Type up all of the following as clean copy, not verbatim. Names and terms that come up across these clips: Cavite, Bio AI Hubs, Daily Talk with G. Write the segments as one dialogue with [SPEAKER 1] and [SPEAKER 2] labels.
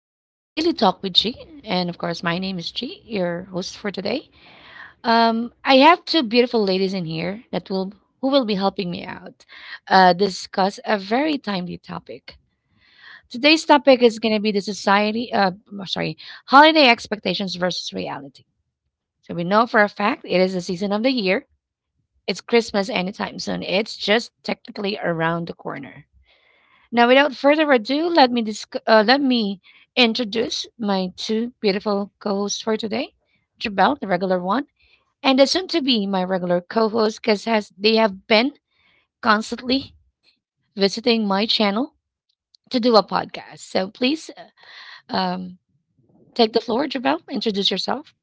[SPEAKER 1] today Daily Talk with G, and of course, my name is G, your host for today. I have two beautiful ladies in here that will who will be helping me out discuss a very timely topic. Today's topic is going to be the society, holiday expectations versus reality. So we know for a fact it is the season of the year. It's Christmas anytime soon. It's just technically around the corner. Now, without further ado, let me introduce my two beautiful co-hosts for today, Jabel, the regular one, and the soon-to-be my regular co-host, because as they have been constantly visiting my channel to do a podcast. So please, um, take the floor, Jabel. Introduce yourself.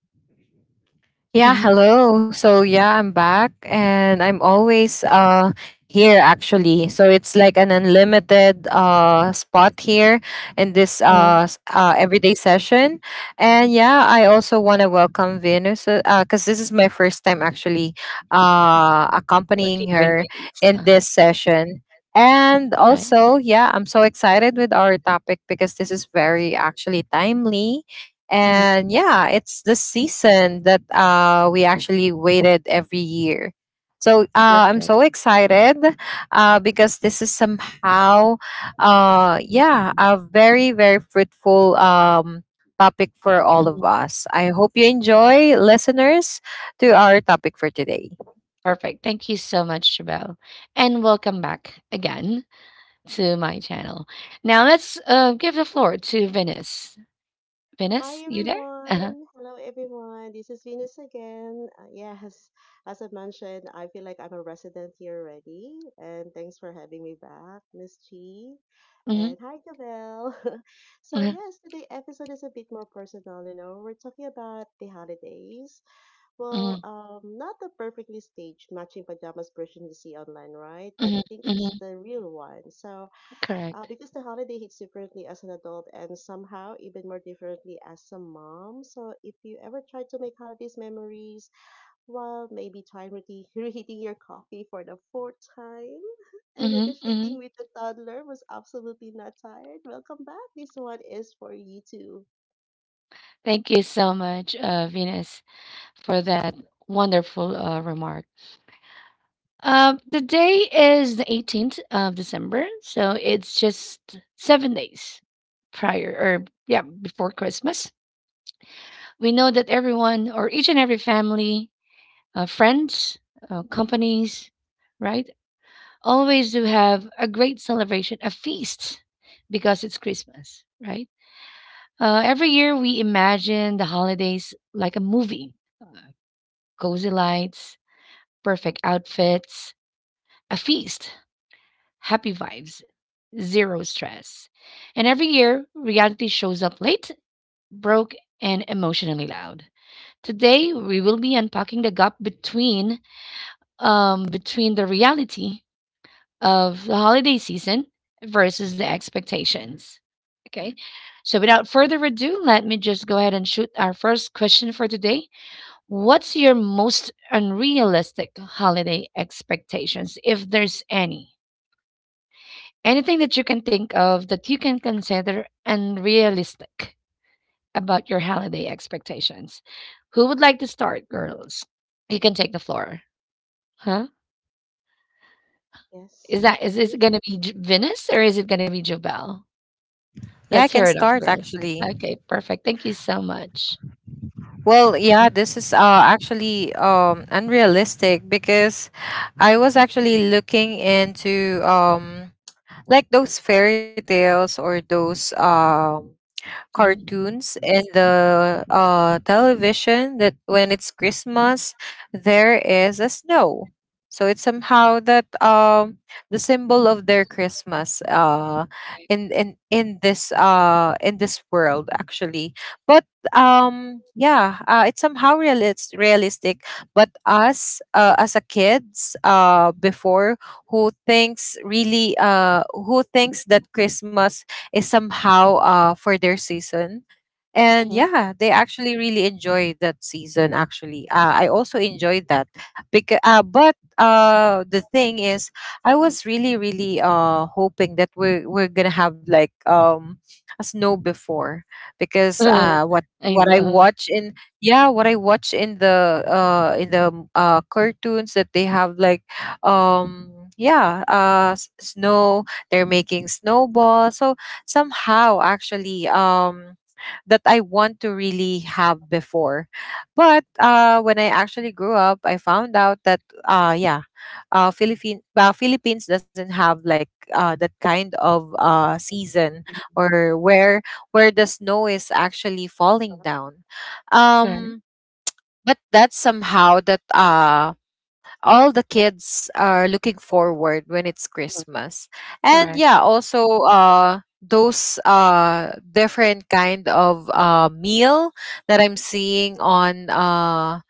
[SPEAKER 1] Mhm.
[SPEAKER 2] Yeah, hello. So yeah, I'm back and I'm always here actually. So it's like an unlimited spot here in this
[SPEAKER 1] Uh,
[SPEAKER 2] everyday session. And yeah, I also want to welcome Venus cuz this is my first time actually accompanying
[SPEAKER 1] Working with
[SPEAKER 2] her
[SPEAKER 1] meetings.
[SPEAKER 2] in this session. And
[SPEAKER 1] Right.
[SPEAKER 2] also, yeah, I'm so excited with our topic because this is very actually timely,
[SPEAKER 1] Mhm.
[SPEAKER 2] and yeah, it's the season that we actually waited every year. So I'm
[SPEAKER 1] Perfect.
[SPEAKER 2] so excited, because this is somehow, yeah, a very, very fruitful topic for all of us. I hope you enjoy, listeners, to our topic for today.
[SPEAKER 1] Perfect. Thank you so much, Jabelle. And welcome back again to my channel. Now let's give the floor to Venice. Venice,
[SPEAKER 3] Hi
[SPEAKER 1] you there? Uh-huh.
[SPEAKER 3] everyone. Hello everyone. This is Venus again. Yes, as I mentioned, I feel like I'm a resident here already. And thanks for having me back, Miss G.
[SPEAKER 1] Mhm,
[SPEAKER 3] And hi, Gavel.
[SPEAKER 1] mhm,
[SPEAKER 3] Today episode is a bit more personal. You know, we're talking about the holidays.
[SPEAKER 1] mhm,
[SPEAKER 3] Not the perfectly staged matching pajamas version you see online, right? But
[SPEAKER 1] mhm,
[SPEAKER 3] I think it's
[SPEAKER 1] mhm.
[SPEAKER 3] the real one. So
[SPEAKER 1] Correct.
[SPEAKER 3] because the holiday hits differently as an adult and somehow even more differently as a mom. So if you ever try to make holidays memories, well, maybe try reheating your coffee for the fourth time and
[SPEAKER 1] Mhm, mhm.
[SPEAKER 3] negotiating with the toddler was absolutely not tired. Welcome back. This one is for you too.
[SPEAKER 1] Thank you so much, Venus, for that wonderful remark. The day is the 18th of December, so it's just 7 days prior or yeah, before Christmas. We know that everyone or each and every family, friends, companies, right? Always to have a great celebration, a feast, because it's Christmas, right? Every year we imagine the holidays like a movie, uh, cozy lights, perfect outfits, a feast, happy vibes, zero stress. And every year, reality shows up late, broke, and emotionally loud. Today, we will be unpacking the gap between between the reality of the holiday season versus the expectations. Okay, so without further ado, let me just go ahead and shoot our first question for today. What's your most unrealistic holiday expectations, if there's any? Anything that you can think of that you can consider unrealistic about your holiday expectations? Who would like to start, girls? You can take the floor. Huh?
[SPEAKER 3] Yes.
[SPEAKER 1] Is this
[SPEAKER 3] Me?
[SPEAKER 1] gonna be Venus or is it gonna be Jobel?
[SPEAKER 2] Yeah, I
[SPEAKER 1] Let's
[SPEAKER 2] can
[SPEAKER 1] hear it up,
[SPEAKER 2] start
[SPEAKER 1] girls.
[SPEAKER 2] actually.
[SPEAKER 1] Okay, perfect. Thank you so much.
[SPEAKER 2] Well, yeah, this is actually unrealistic because I was actually looking into like those fairy tales or those
[SPEAKER 1] Mhm.
[SPEAKER 2] cartoons and the television that when it's Christmas, there is a snow. So it's somehow that the symbol of their Christmas
[SPEAKER 1] Okay.
[SPEAKER 2] in this in this world actually. But yeah, it's somehow realistic. But us as a kids before, who thinks that Christmas is somehow for their season, and
[SPEAKER 1] Mhm.
[SPEAKER 2] yeah they actually really enjoy that season actually. I also enjoyed that. Because uh, but uh the thing is, I was really hoping that we're gonna have like a snow before, because
[SPEAKER 1] Uh, I
[SPEAKER 2] what I
[SPEAKER 1] know.
[SPEAKER 2] watch in, yeah what I watch in the cartoons, that they have like um snow. They're making snowballs, so somehow actually that I want to really have before. But when I actually grew up, I found out that yeah, Philippines doesn't have like that kind of season, or where the snow is actually falling down.
[SPEAKER 1] Correct,
[SPEAKER 2] Um but that's somehow that all the kids are looking forward when it's Christmas. And
[SPEAKER 1] correct.
[SPEAKER 2] yeah, also those different kind of meal that I'm seeing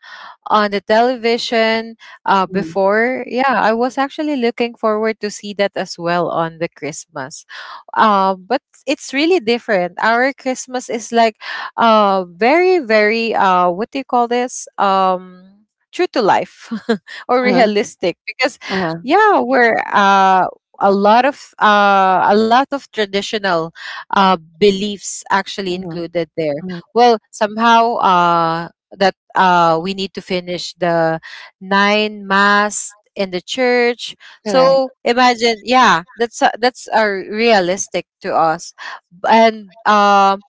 [SPEAKER 2] on the television
[SPEAKER 1] Mhm.
[SPEAKER 2] before. Yeah, I was actually looking forward to see that as well on the Christmas. But it's really different. Our Christmas is like very, very, what do you call this? True to life or
[SPEAKER 1] Uh-huh,
[SPEAKER 2] realistic, because
[SPEAKER 1] uh-huh.
[SPEAKER 2] yeah we're a lot of traditional beliefs actually
[SPEAKER 1] Mhm,
[SPEAKER 2] included there.
[SPEAKER 1] mhm.
[SPEAKER 2] Well somehow the we need to finish the nine mass in the church.
[SPEAKER 1] Correct.
[SPEAKER 2] So imagine, yeah, that's realistic to us. B- and um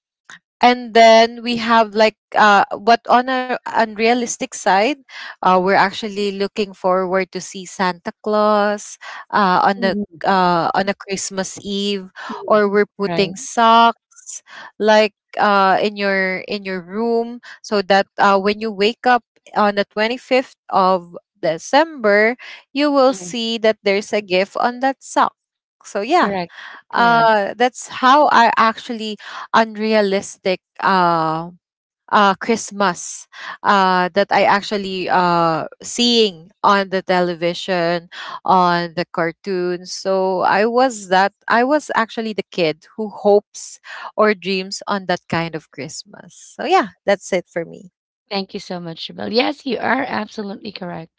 [SPEAKER 2] and then we have like but on our unrealistic side we're actually looking forward to see Santa Claus uh on the
[SPEAKER 1] Mhm,
[SPEAKER 2] on a Christmas Eve,
[SPEAKER 1] mhm.
[SPEAKER 2] or we're
[SPEAKER 1] Right.
[SPEAKER 2] putting socks, like in your room, so that when you wake up on the 25th of December, you will
[SPEAKER 1] Mhm.
[SPEAKER 2] see that there's a gift on that sock. So yeah,
[SPEAKER 1] Correct, correct.
[SPEAKER 2] that's how I actually, unrealistic Christmas that I actually seeing on the television, on the cartoons. So I was actually the kid who hopes or dreams on that kind of Christmas. So yeah, that's it for me.
[SPEAKER 1] Thank you so much, Shabelle. Yes, you are absolutely correct.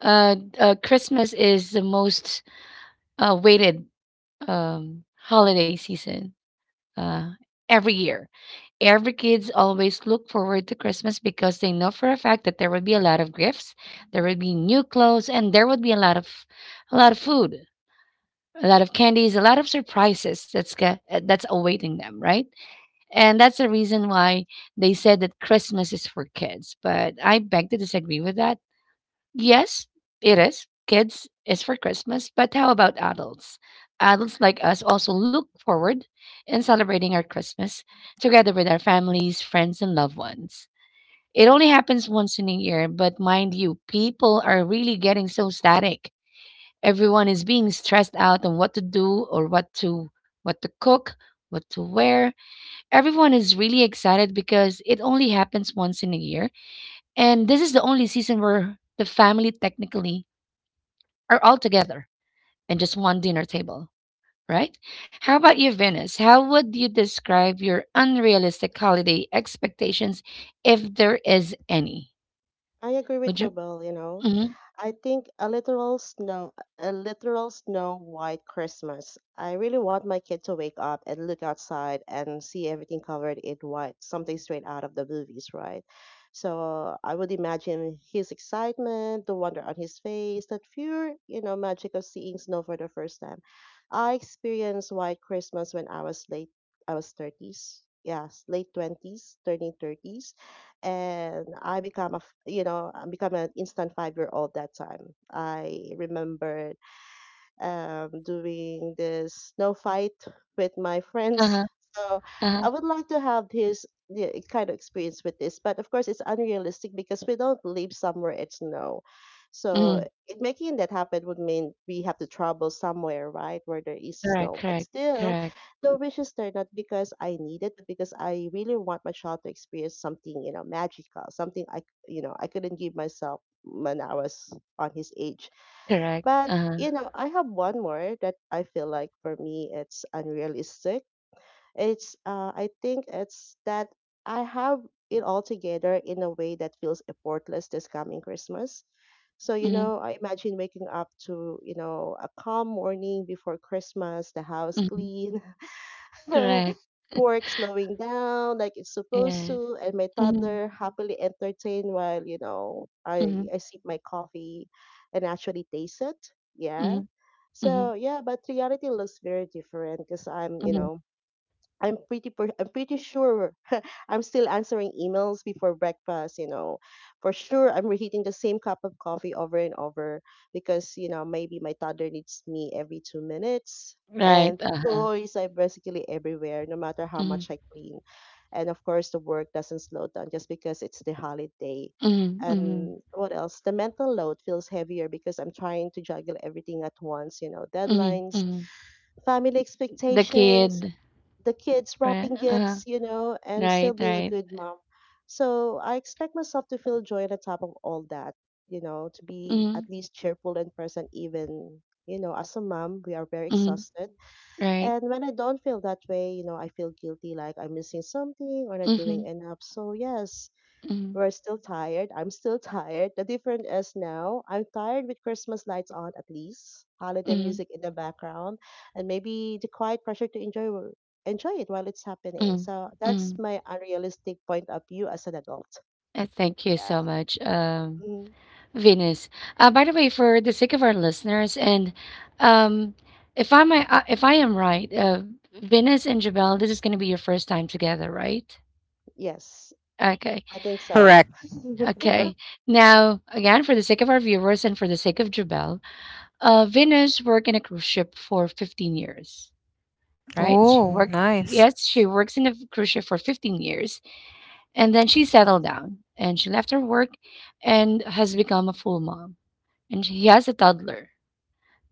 [SPEAKER 1] Christmas is the most weighted, holiday season, uh, every year. Every kids always look forward to Christmas because they know for a fact that there would be a lot of gifts, there would be new clothes, and there would be a lot of food, a lot of candies, a lot of surprises that's awaiting them, right? And that's the reason why they said that Christmas is for kids. But I beg to disagree with that. Yes, it is. Kids is for Christmas, but how about adults? Adults like us also look forward in celebrating our Christmas together with our families, friends, and loved ones. It only happens once in a year, but mind you, people are really getting so static. Everyone is being stressed out on what to do or what to cook, what to wear. Everyone is really excited because it only happens once in a year, and this is the only season where the family technically or all together and just one dinner table, right? How about you, Venus? How would you describe your unrealistic holiday expectations if there is any?
[SPEAKER 3] I agree with
[SPEAKER 1] Would you?
[SPEAKER 3] Jobel, you know.
[SPEAKER 1] Mm-hmm,
[SPEAKER 3] I think a literal snow white Christmas. I really want my kid to wake up and look outside and see everything covered in white, something straight out of the movies, right? So I would imagine his excitement, the wonder on his face, that pure, you know, magic of seeing snow for the first time. I experienced white Christmas when I was 30s. Yes, late 20s, turning 30s, and I become you know, I become an instant 5 year old that time. I remember doing this snow fight with my friends.
[SPEAKER 1] uh-huh,
[SPEAKER 3] So
[SPEAKER 1] uh-huh,
[SPEAKER 3] I would like to have this, yeah, kind of experience with this, but of course it's unrealistic because we don't live somewhere it's snow.
[SPEAKER 1] mm-hmm,
[SPEAKER 3] Making that happen would mean we have to travel somewhere, right, where there is
[SPEAKER 1] correct,
[SPEAKER 3] snow. But
[SPEAKER 1] correct,
[SPEAKER 3] still,
[SPEAKER 1] correct,
[SPEAKER 3] the wishes there not because I need it, but because I really want my child to experience something, you know, magical, something you know, I couldn't give myself when I was on his age.
[SPEAKER 1] correct,
[SPEAKER 3] But
[SPEAKER 1] uh-huh,
[SPEAKER 3] you know, I have one more that I feel like for me it's unrealistic. It's I think it's that I have it all together in a way that feels effortless this coming Christmas. So, you
[SPEAKER 1] mm-hmm,
[SPEAKER 3] know, I imagine waking up to, you know, a calm morning before Christmas, the house
[SPEAKER 1] mm-hmm,
[SPEAKER 3] clean,
[SPEAKER 1] correct,
[SPEAKER 3] work slowing down like it's supposed
[SPEAKER 1] yes.
[SPEAKER 3] to, and my
[SPEAKER 1] Mm-hmm,
[SPEAKER 3] toddler happily entertained while, you know,
[SPEAKER 1] mm-hmm,
[SPEAKER 3] I sip my coffee and actually taste it.
[SPEAKER 1] mm-hmm,
[SPEAKER 3] Yeah.
[SPEAKER 1] mm-hmm,
[SPEAKER 3] So yeah, but reality looks very different because I'm, you
[SPEAKER 1] mm-hmm,
[SPEAKER 3] know, I'm pretty sure I'm still answering emails before breakfast, you know. For sure I'm reheating the same cup of coffee over and over because, you know, maybe my toddler needs me every 2 minutes,
[SPEAKER 1] right,
[SPEAKER 3] and
[SPEAKER 1] uh-huh,
[SPEAKER 3] toys are basically everywhere no matter how
[SPEAKER 1] mm-hmm,
[SPEAKER 3] much I clean. And of course the work doesn't slow down just because it's the holiday.
[SPEAKER 1] mm-hmm, mm-hmm,
[SPEAKER 3] And what else? The mental load feels heavier because I'm trying to juggle everything at once, you know,
[SPEAKER 1] mm-hmm,
[SPEAKER 3] deadlines,
[SPEAKER 1] mm-hmm.
[SPEAKER 3] family
[SPEAKER 1] The
[SPEAKER 3] expectations,
[SPEAKER 1] kid,
[SPEAKER 3] the kids
[SPEAKER 1] right,
[SPEAKER 3] wrapping
[SPEAKER 1] uh-huh,
[SPEAKER 3] gifts, you know, and still
[SPEAKER 1] right,
[SPEAKER 3] being a
[SPEAKER 1] right,
[SPEAKER 3] good mom. So I expect myself to feel joy on the top of all that, you know, to be
[SPEAKER 1] mm-hmm,
[SPEAKER 3] at least cheerful and present, even, you know, as a mom, we are very
[SPEAKER 1] mm-hmm,
[SPEAKER 3] exhausted.
[SPEAKER 1] right.
[SPEAKER 3] And when I don't feel that way, you know, I feel guilty like I'm missing something or not doing
[SPEAKER 1] Mhm,
[SPEAKER 3] enough. So yes,
[SPEAKER 1] mhm,
[SPEAKER 3] we're still tired. I'm still tired. The difference is now I'm tired with Christmas lights on, at least, holiday
[SPEAKER 1] mhm,
[SPEAKER 3] music in the background, and maybe the quiet pressure to enjoy enjoy it while it's happening.
[SPEAKER 1] mhm,
[SPEAKER 3] So that's
[SPEAKER 1] mhm.
[SPEAKER 3] my unrealistic point of view as an adult.
[SPEAKER 1] Thank you so
[SPEAKER 3] Yeah.
[SPEAKER 1] much,
[SPEAKER 3] Mm,
[SPEAKER 1] Venus. By the way, for the sake of our listeners, and um, if I'm I might, if I am right, Venus and Jabel, this is going to be your first time together, right?
[SPEAKER 3] yes,
[SPEAKER 1] Okay,
[SPEAKER 3] I think
[SPEAKER 2] Correct.
[SPEAKER 3] so.
[SPEAKER 1] okay. Now, again, for the sake of our viewers and for the sake of Jabel, Venus worked in a cruise ship for 15 years, right? She
[SPEAKER 2] Oh,
[SPEAKER 1] worked,
[SPEAKER 2] nice.
[SPEAKER 1] yes, she works in a cruise ship for 15 years. And then she settled
[SPEAKER 3] Yes,
[SPEAKER 1] down and she left her work and has become a full mom. And she has a toddler.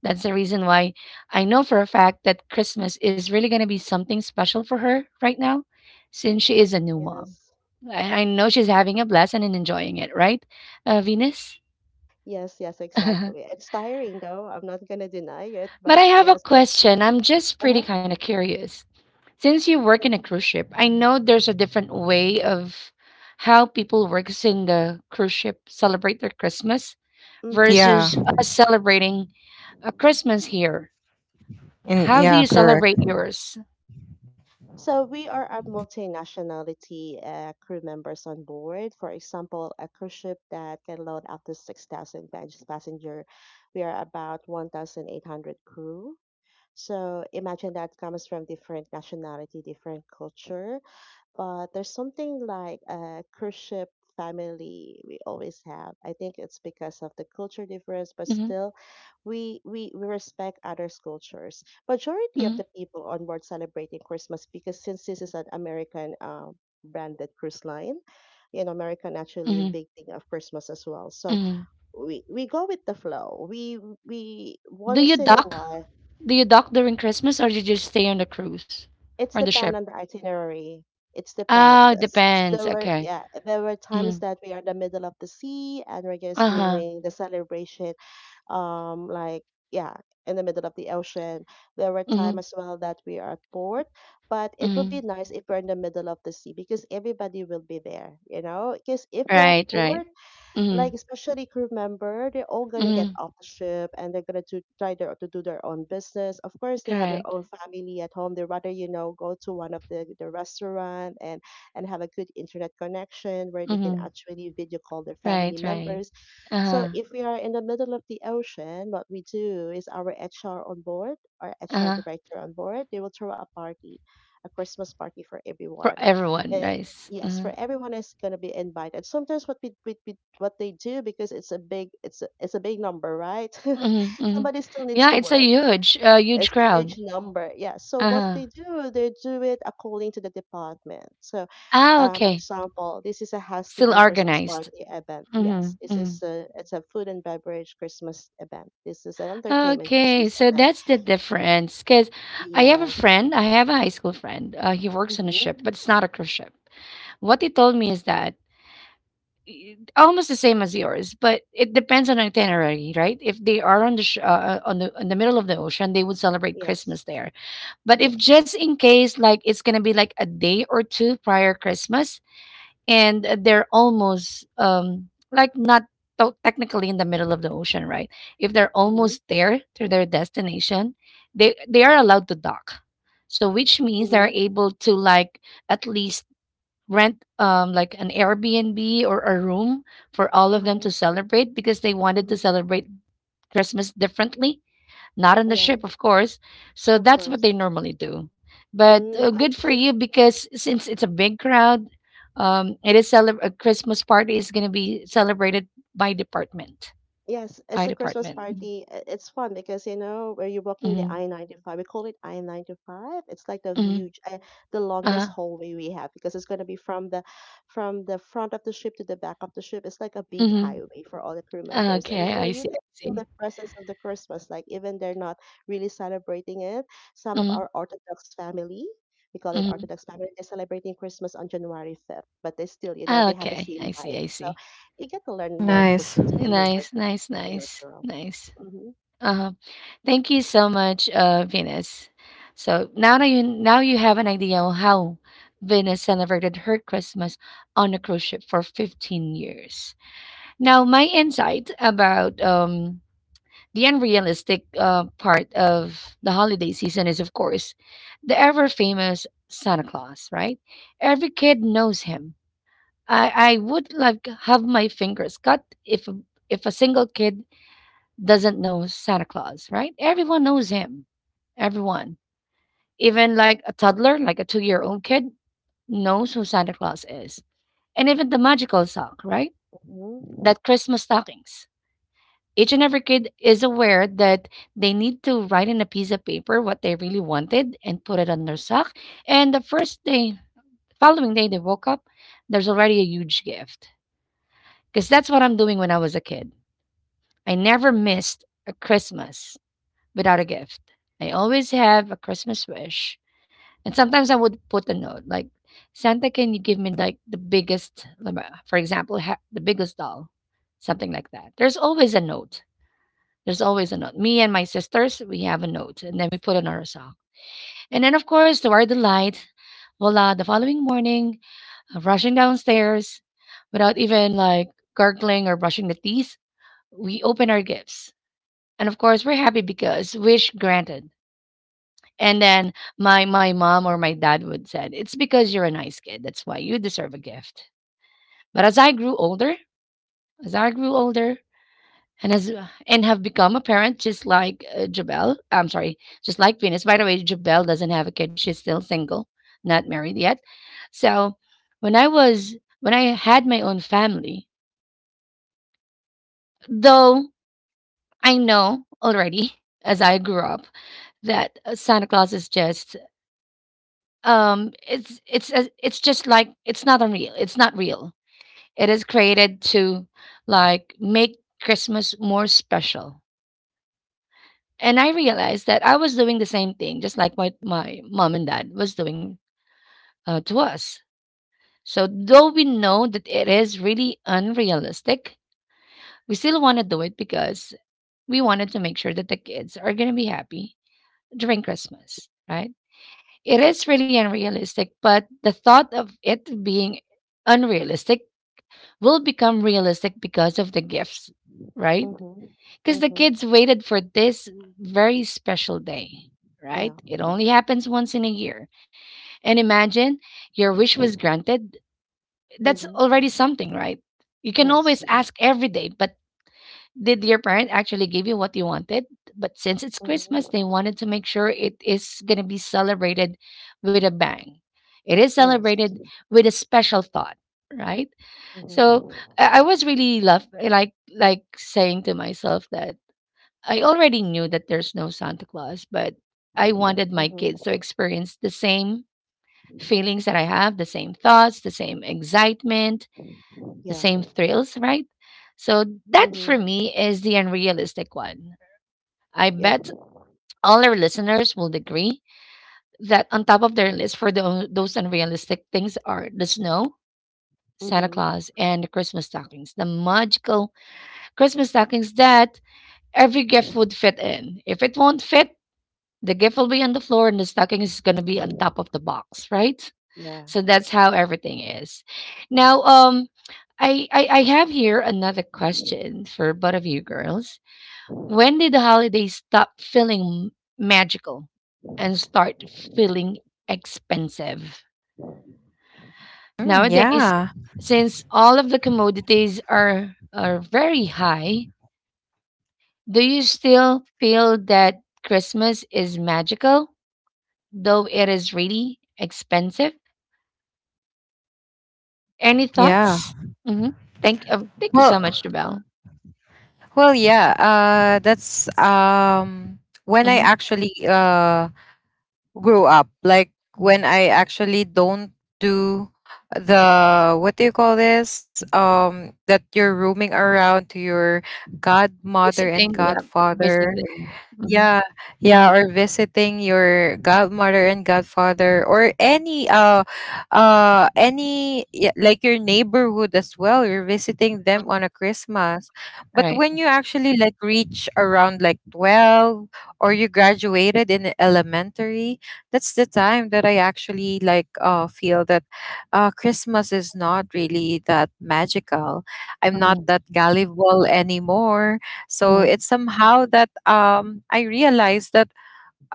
[SPEAKER 1] That's the reason why I know for a fact that Christmas is really going to be something special for her right now since she is a new mom.
[SPEAKER 3] yes.
[SPEAKER 1] I know she's having a blessing and enjoying it, right, Venus?
[SPEAKER 3] Yes, yes,
[SPEAKER 1] But
[SPEAKER 3] exactly. It's tiring though. I'm not gonna deny it,
[SPEAKER 1] I
[SPEAKER 3] but
[SPEAKER 1] have a
[SPEAKER 3] yes, it's
[SPEAKER 1] question. I'm just pretty
[SPEAKER 3] uh-huh.
[SPEAKER 1] kind of curious. Since you work in a cruise ship, I know there's a different way of how people works in the cruise ship celebrate their Christmas
[SPEAKER 3] Mm-hmm.
[SPEAKER 2] Yeah.
[SPEAKER 1] versus us celebrating a Christmas here.
[SPEAKER 2] And
[SPEAKER 1] How do
[SPEAKER 2] yeah,
[SPEAKER 1] you
[SPEAKER 3] Yeah.
[SPEAKER 2] correct.
[SPEAKER 1] celebrate yours?
[SPEAKER 3] So we are a multinationality crew members on board. For example, a cruise ship that can load up to 6,000 passenger. We are about 1,800 crew. So imagine that comes from different nationality, different culture. But there's something like a cruise ship family we always have. I think it's because of the culture difference, but
[SPEAKER 1] Hmm,
[SPEAKER 3] still we respect others' cultures. Majority of
[SPEAKER 1] hmm,
[SPEAKER 3] the people on board celebrating Christmas because since this is an American branded cruise line, you know, America naturally is
[SPEAKER 1] hmm,
[SPEAKER 3] big thing of Christmas as well. So
[SPEAKER 1] hmm.
[SPEAKER 3] we go with the flow. We
[SPEAKER 1] Do you
[SPEAKER 3] once in a
[SPEAKER 1] dock?
[SPEAKER 3] while.
[SPEAKER 1] Do you dock during Christmas or do you just stay on the cruise or
[SPEAKER 3] It's
[SPEAKER 1] the ship?
[SPEAKER 3] depend on the itinerary. It's
[SPEAKER 1] Oh,
[SPEAKER 3] depend.
[SPEAKER 1] it depends.
[SPEAKER 3] There were,
[SPEAKER 1] Okay.
[SPEAKER 3] yeah, there were times
[SPEAKER 1] Mm.
[SPEAKER 3] that we are in the middle of the sea and we're just
[SPEAKER 1] Uh huh.
[SPEAKER 3] doing the celebration like, yeah, in the middle of the ocean. There were time
[SPEAKER 1] Mm.
[SPEAKER 3] as well that we are at port, but it would
[SPEAKER 1] Mm.
[SPEAKER 3] be nice if we're in the middle of the sea because everybody will be there, you know, because if we're at
[SPEAKER 1] Right. Right.
[SPEAKER 3] port,
[SPEAKER 1] Mm.
[SPEAKER 3] like especially crew member, they're all gonna get
[SPEAKER 1] Mm.
[SPEAKER 3] off the ship and they're gonna to try to do their own business. Of course they have their
[SPEAKER 1] Correct.
[SPEAKER 3] own family at home. They rather, you know, go to one of the restaurant and have a good internet connection where they can
[SPEAKER 1] Mm.
[SPEAKER 3] actually video call their family
[SPEAKER 1] Right. Right.
[SPEAKER 3] members.
[SPEAKER 1] Uh
[SPEAKER 3] So
[SPEAKER 1] huh.
[SPEAKER 3] if we are in the middle of the ocean, what we do is our
[SPEAKER 1] Uh
[SPEAKER 3] hr
[SPEAKER 1] huh.
[SPEAKER 3] director on board, they will throw a party, a christmas party for
[SPEAKER 1] For
[SPEAKER 3] everyone.
[SPEAKER 1] everyone,
[SPEAKER 3] Uh,
[SPEAKER 1] nice.
[SPEAKER 3] yes,
[SPEAKER 1] Uh-huh.
[SPEAKER 3] for everyone is going to be invited. Sometimes what we what they do, because it's a big it's a big number, right?
[SPEAKER 1] Mm-hmm, mm-hmm.
[SPEAKER 3] Somebody still needs
[SPEAKER 1] Yeah,
[SPEAKER 3] to
[SPEAKER 1] it's a
[SPEAKER 3] work.
[SPEAKER 1] huge, huge
[SPEAKER 3] It's a huge
[SPEAKER 1] crowd.
[SPEAKER 3] number, yeah. So
[SPEAKER 1] Uh
[SPEAKER 3] what they
[SPEAKER 1] huh.
[SPEAKER 3] do, they do it according to the department. So
[SPEAKER 1] Ah,
[SPEAKER 3] for
[SPEAKER 1] okay.
[SPEAKER 3] example, this is a
[SPEAKER 1] Still
[SPEAKER 3] housekeeping christmas
[SPEAKER 1] organized.
[SPEAKER 3] party event,
[SPEAKER 1] Hmm,
[SPEAKER 3] yes, this
[SPEAKER 1] hmm.
[SPEAKER 3] is a it's a food and beverage christmas event, this is an entertainment
[SPEAKER 1] Okay,
[SPEAKER 3] christmas
[SPEAKER 1] so
[SPEAKER 3] event.
[SPEAKER 1] that's the difference. Because I have a
[SPEAKER 3] Yes.
[SPEAKER 1] friend, I have a high school friend. He works on a
[SPEAKER 3] Mm-hmm.
[SPEAKER 1] ship, but it's not a cruise ship. What he told me is that almost the same as yours, but it depends on itinerary, right? If they are on the on the in the middle of the ocean, they would celebrate
[SPEAKER 3] Yes.
[SPEAKER 1] Christmas there. But if
[SPEAKER 3] Yes.
[SPEAKER 1] just in case, like it's gonna be like a day or two prior Christmas, and they're almost like not technically in the middle of the ocean, right, if they're
[SPEAKER 3] Mm-hmm.
[SPEAKER 1] almost there to their destination, they are allowed to dock, so which means they're
[SPEAKER 3] Mm-hmm.
[SPEAKER 1] able to like at least rent like an Airbnb or a room for all of them to
[SPEAKER 3] Uh-huh.
[SPEAKER 1] celebrate because they wanted to
[SPEAKER 3] Mm-hmm.
[SPEAKER 1] celebrate Christmas differently, not on the
[SPEAKER 3] Yeah.
[SPEAKER 1] ship, of course. So
[SPEAKER 3] Of
[SPEAKER 1] that's what
[SPEAKER 3] course.
[SPEAKER 1] they normally do. But
[SPEAKER 3] I
[SPEAKER 1] good for
[SPEAKER 3] think
[SPEAKER 1] you because since it's a big crowd, a Christmas party is going to be celebrated by department.
[SPEAKER 3] yes,
[SPEAKER 1] By
[SPEAKER 3] it's a Christmas
[SPEAKER 1] department.
[SPEAKER 3] party. It's fun because you know where you're walking the
[SPEAKER 1] Mm-hmm.
[SPEAKER 3] I-95. We call it I-95. It's like the
[SPEAKER 1] Mm-hmm.
[SPEAKER 3] huge, the
[SPEAKER 1] Uh,
[SPEAKER 3] longest hallway we have because it's gonna be from the front of the ship to the back of the ship. It's like a big
[SPEAKER 1] mm-hmm.
[SPEAKER 3] highway for all the crew members, and
[SPEAKER 1] Okay,
[SPEAKER 3] you know
[SPEAKER 1] I
[SPEAKER 3] you
[SPEAKER 1] see.
[SPEAKER 3] can
[SPEAKER 1] I
[SPEAKER 3] feel
[SPEAKER 1] see.
[SPEAKER 3] the presence of the Christmas. Like even they're not really celebrating it. Some of
[SPEAKER 1] Mm-hmm.
[SPEAKER 3] our Orthodox family. We call it
[SPEAKER 1] Mm-hmm.
[SPEAKER 3] Orthodox family. They're celebrating Christmas on January 5th, but they still, you know, they have the
[SPEAKER 1] Okay,
[SPEAKER 3] same
[SPEAKER 1] I see.
[SPEAKER 3] vibe.
[SPEAKER 1] I
[SPEAKER 3] So
[SPEAKER 1] see.
[SPEAKER 3] you get to learn more
[SPEAKER 2] Nice.
[SPEAKER 3] cultures when you work.
[SPEAKER 1] Nice, nice,
[SPEAKER 3] Completely
[SPEAKER 1] nice,
[SPEAKER 3] natural.
[SPEAKER 1] nice.
[SPEAKER 3] Mm-hmm.
[SPEAKER 1] Uh-huh. Thank you so much, Venus. So now that you now you have an idea on how Venus celebrated her Christmas on a cruise ship for 15 years. Now, my insight about the unrealistic part of the holiday season is, of course, the ever famous Santa Claus. Right? Every kid knows him. I would like have my fingers cut if a single kid doesn't know Santa Claus, right? Everyone knows him. Everyone. Even like a toddler, like a 2 year old kid, knows who Santa Claus is. And even the magical sock, right?
[SPEAKER 3] Mm-hmm.
[SPEAKER 1] That Christmas stockings. Each and every kid is aware that they need to write in a piece of paper what they really wanted and put it on their sock. And the first day, following day they woke up, there's already a huge gift. Because that's what I'm doing when I was a kid. I never missed a Christmas without a gift. I always have a Christmas wish. And sometimes I would put a note like, Santa, can you give me like the biggest, like, for example, the biggest doll? Something like that. There's always a note. There's always a note. Me and my sisters, we have a note and then we put on our sock. And then, of course, to our delight, voila, the following morning, rushing downstairs without even like gargling or brushing the teeth, we open our gifts. And of course, we're happy because wish granted. And then my mom or my dad would said, "It's because you're a nice kid. That's why you deserve a gift." But as I grew older, as I grew older, and as and have become a parent, just like Jabel, I'm sorry, just like Venus. By the way, Jabel doesn't have a kid; she's still single, not married yet. So when I was when I had my own family, though I know already as I grew up that Santa Claus is just it's a- it's just like it's not unreal it's not real It is created to like make Christmas more special. And I realized that I was doing the same thing just like my mom and dad was doing, to us. So though we know that it is really unrealistic, we still want to do it because we wanted to make sure that the kids are going to be happy during Christmas, right? It is really unrealistic, but the thought of it being unrealistic will become realistic because of the gifts, right?
[SPEAKER 3] Mm-hmm.
[SPEAKER 1] Because the
[SPEAKER 3] Mm-hmm.
[SPEAKER 1] kids waited for this very special day,
[SPEAKER 3] Yeah.
[SPEAKER 1] right? It only happens once in a year. And imagine your wish was granted. That's already
[SPEAKER 3] Mm-hmm.
[SPEAKER 1] something, right? You can
[SPEAKER 3] Yes.
[SPEAKER 1] always ask every day, but did your parent actually give you what you wanted? But since it's Christmas, they wanted to
[SPEAKER 3] Mm-hmm.
[SPEAKER 1] make sure it is going to be celebrated with a bang. It is
[SPEAKER 3] Yes.
[SPEAKER 1] celebrated with a special thought, right? So
[SPEAKER 3] Mm-hmm.
[SPEAKER 1] I was really love like saying to myself that I already knew that there's no Santa Claus, but I wanted
[SPEAKER 3] Mm-hmm.
[SPEAKER 1] my kids to experience the same feelings that I have, the same thoughts, the same excitement,
[SPEAKER 3] Yeah.
[SPEAKER 1] the same thrills, right? So that
[SPEAKER 3] Mm-hmm.
[SPEAKER 1] for me is the unrealistic one. I
[SPEAKER 3] Yeah.
[SPEAKER 1] bet all our listeners will agree that on top of their list for those unrealistic things are the snow, Santa
[SPEAKER 3] Mm-hmm.
[SPEAKER 1] Claus, and the Christmas stockings, the magical Christmas stockings that every gift would fit in. If it won't fit, the gift will be on the floor and the stocking is going to be on top of the box, right?
[SPEAKER 3] Yeah.
[SPEAKER 1] So that's how everything is. Now, I have here another question for both of you girls. When did the holidays stop feeling magical and start feeling expensive? Nowadays,
[SPEAKER 2] Yeah.
[SPEAKER 1] since all of the commodities are very high, do you still feel that Christmas is magical, though it is really expensive? Any
[SPEAKER 2] Yeah.
[SPEAKER 1] thoughts? Mm-hmm. Thank you so
[SPEAKER 2] Well,
[SPEAKER 1] much, Jabel.
[SPEAKER 2] Well, yeah, that's when I
[SPEAKER 1] Mm-hmm.
[SPEAKER 2] actually grew up. Like when I actually don't do the, what do you call this? That you're roaming around to your godmother and
[SPEAKER 1] Visiting, yeah,
[SPEAKER 2] godfather.
[SPEAKER 1] visiting. Mm-hmm.
[SPEAKER 2] Yeah, yeah, or visiting your godmother and godfather, or any any, yeah, like your neighborhood as well. You're visiting them
[SPEAKER 1] All
[SPEAKER 2] on a Christmas. But
[SPEAKER 1] right.
[SPEAKER 2] when you actually like reach around like 12, or you graduated in elementary, that's the time that I actually like feel that Christmas is not really that magical. I'm not
[SPEAKER 1] Mm-hmm.
[SPEAKER 2] that gullible anymore, so
[SPEAKER 1] Mm-hmm.
[SPEAKER 2] it's somehow that I realized that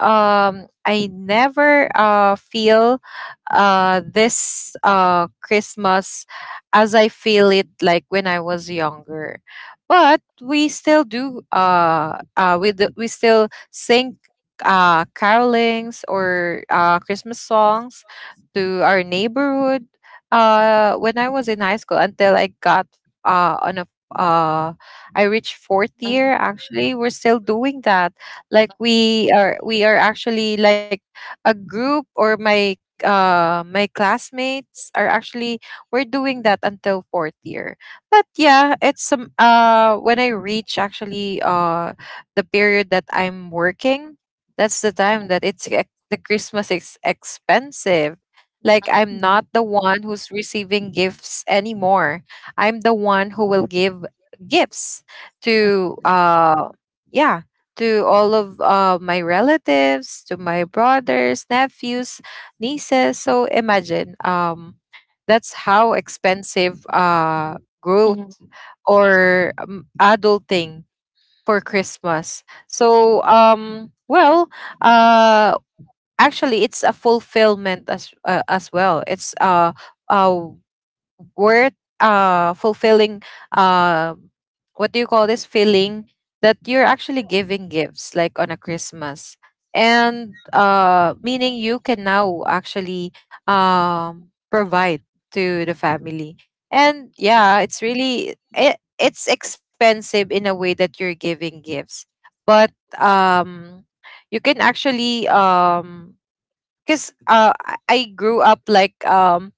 [SPEAKER 2] I never feel this Christmas as I feel it like when I was younger. But we still do we still sing carolings or Christmas songs to our neighborhood when I was in high school, until I got on a uh I reached fourth
[SPEAKER 1] Mm-hmm.
[SPEAKER 2] year. Actually we're still doing that, like we are actually like a group, or my my classmates are actually, we're doing that until fourth year. But yeah, it's some when I reach actually the period that I'm working, that's the time that the Christmas is expensive. Like I'm
[SPEAKER 1] Mm-hmm.
[SPEAKER 2] not the one who's receiving gifts anymore, I'm the one who will give gifts to yeah, to all of my relatives, to my brothers, nephews, nieces. So imagine that's how expensive growth
[SPEAKER 1] Mm-hmm.
[SPEAKER 2] or adulting for Christmas. So well, uh, actually, it's a fulfillment as well. It's uh worth fulfilling, uh what do you call this, feeling that you're actually giving gifts like on a Christmas, and meaning you can now actually provide to the family. And
[SPEAKER 1] Mm-hmm, mm-hmm.
[SPEAKER 2] yeah, it's really, it's expensive in a way that you're giving gifts, but um you can actually because I grew up like,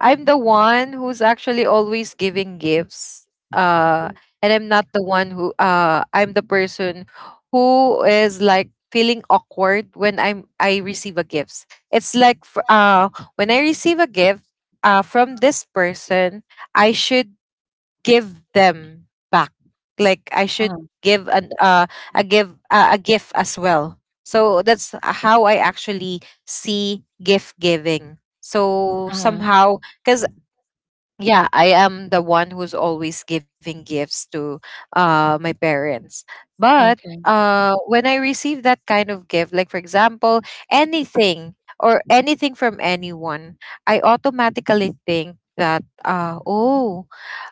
[SPEAKER 2] I'm the one who's actually always giving gifts. Uh, and I'm not the one who, I'm the person who is like feeling awkward when I receive a gift. It's like when I receive a gift from this person, I should give them back, like I should
[SPEAKER 1] Uh-huh.
[SPEAKER 2] give an a give a gift as well. So that's how I actually see gift giving. So
[SPEAKER 1] Uh-huh.
[SPEAKER 2] somehow, because yeah, I am the one who's always giving gifts to my parents, but
[SPEAKER 1] Okay.
[SPEAKER 2] when I receive that kind of gift, like for example anything, or anything from anyone, I automatically think that oh,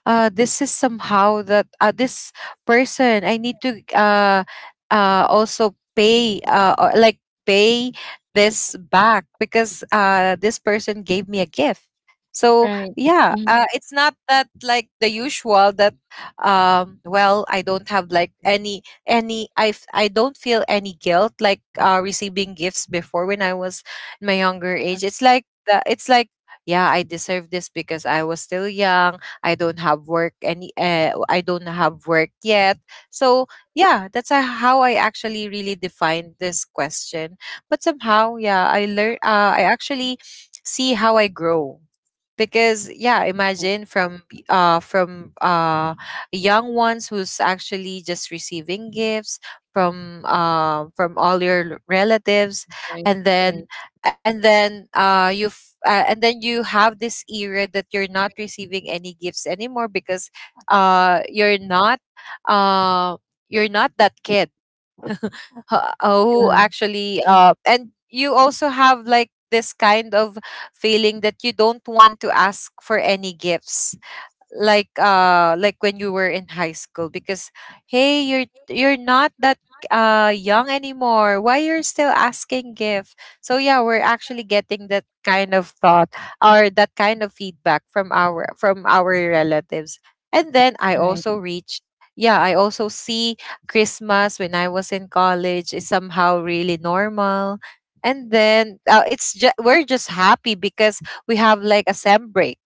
[SPEAKER 2] this is somehow that this person I need to also pay, or like pay this back, because this person gave me a gift. So
[SPEAKER 1] Right.
[SPEAKER 2] yeah,
[SPEAKER 1] Mm-hmm.
[SPEAKER 2] it's not that like the usual that well, I don't have like any, I don't feel any guilt like receiving gifts before when I was in my younger age. It's like it's like yeah, I deserve this because I was still young, I don't have work, any I don't have work yet. So yeah, that's how I actually really defined this question. But somehow yeah, I actually see how I grow, because
[SPEAKER 1] Uh-huh.
[SPEAKER 2] yeah, imagine from young ones who's actually just receiving gifts from all your relatives,
[SPEAKER 1] Right.
[SPEAKER 2] and
[SPEAKER 1] Right.
[SPEAKER 2] then, and then you have this era that you're not receiving any gifts anymore, because uh you're not uh you're not that kid who actually, and you also have like this kind of feeling that you don't want to ask for any gifts, like when you were in high school, because hey, you're not that young anymore, why you're still asking gift? So yeah, we're actually getting that kind of thought, or that kind of feedback from our, from our relatives. And then I
[SPEAKER 1] Right.
[SPEAKER 2] also reach Yeah, I also see Christmas when I was in college is somehow really normal, and then it's just we're just happy because we have like a sem break.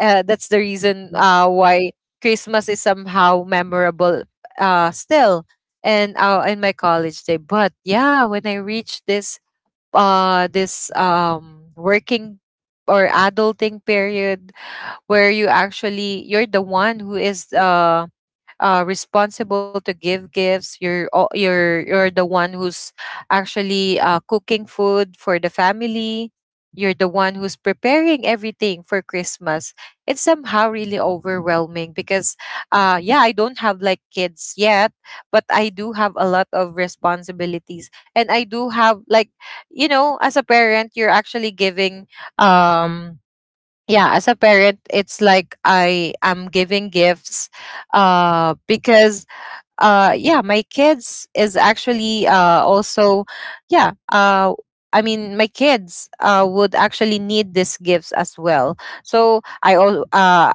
[SPEAKER 2] That's the reason why Christmas is somehow memorable, still. And in my college day. But
[SPEAKER 1] Mm-hmm.
[SPEAKER 2] yeah, when I reached this this
[SPEAKER 1] Uh-huh.
[SPEAKER 2] working or adulting period,
[SPEAKER 1] Right?
[SPEAKER 2] where you actually, you're the one who is
[SPEAKER 1] Uh-huh.
[SPEAKER 2] responsible to give gifts. You're the one who's actually cooking
[SPEAKER 1] Okay.
[SPEAKER 2] food for the family. You're the one who's preparing everything for Christmas. It's somehow
[SPEAKER 1] Uh-huh.
[SPEAKER 2] really overwhelming because, yeah, I don't have like kids yet, but I do have a lot of
[SPEAKER 1] Yes.
[SPEAKER 2] responsibilities, and I do have like, you know, as a parent, you're actually giving um yeah, as a parent, it's like I am giving gifts, because yeah, my kids is actually also, yeah uh I mean, my kids would actually need these gifts as well. So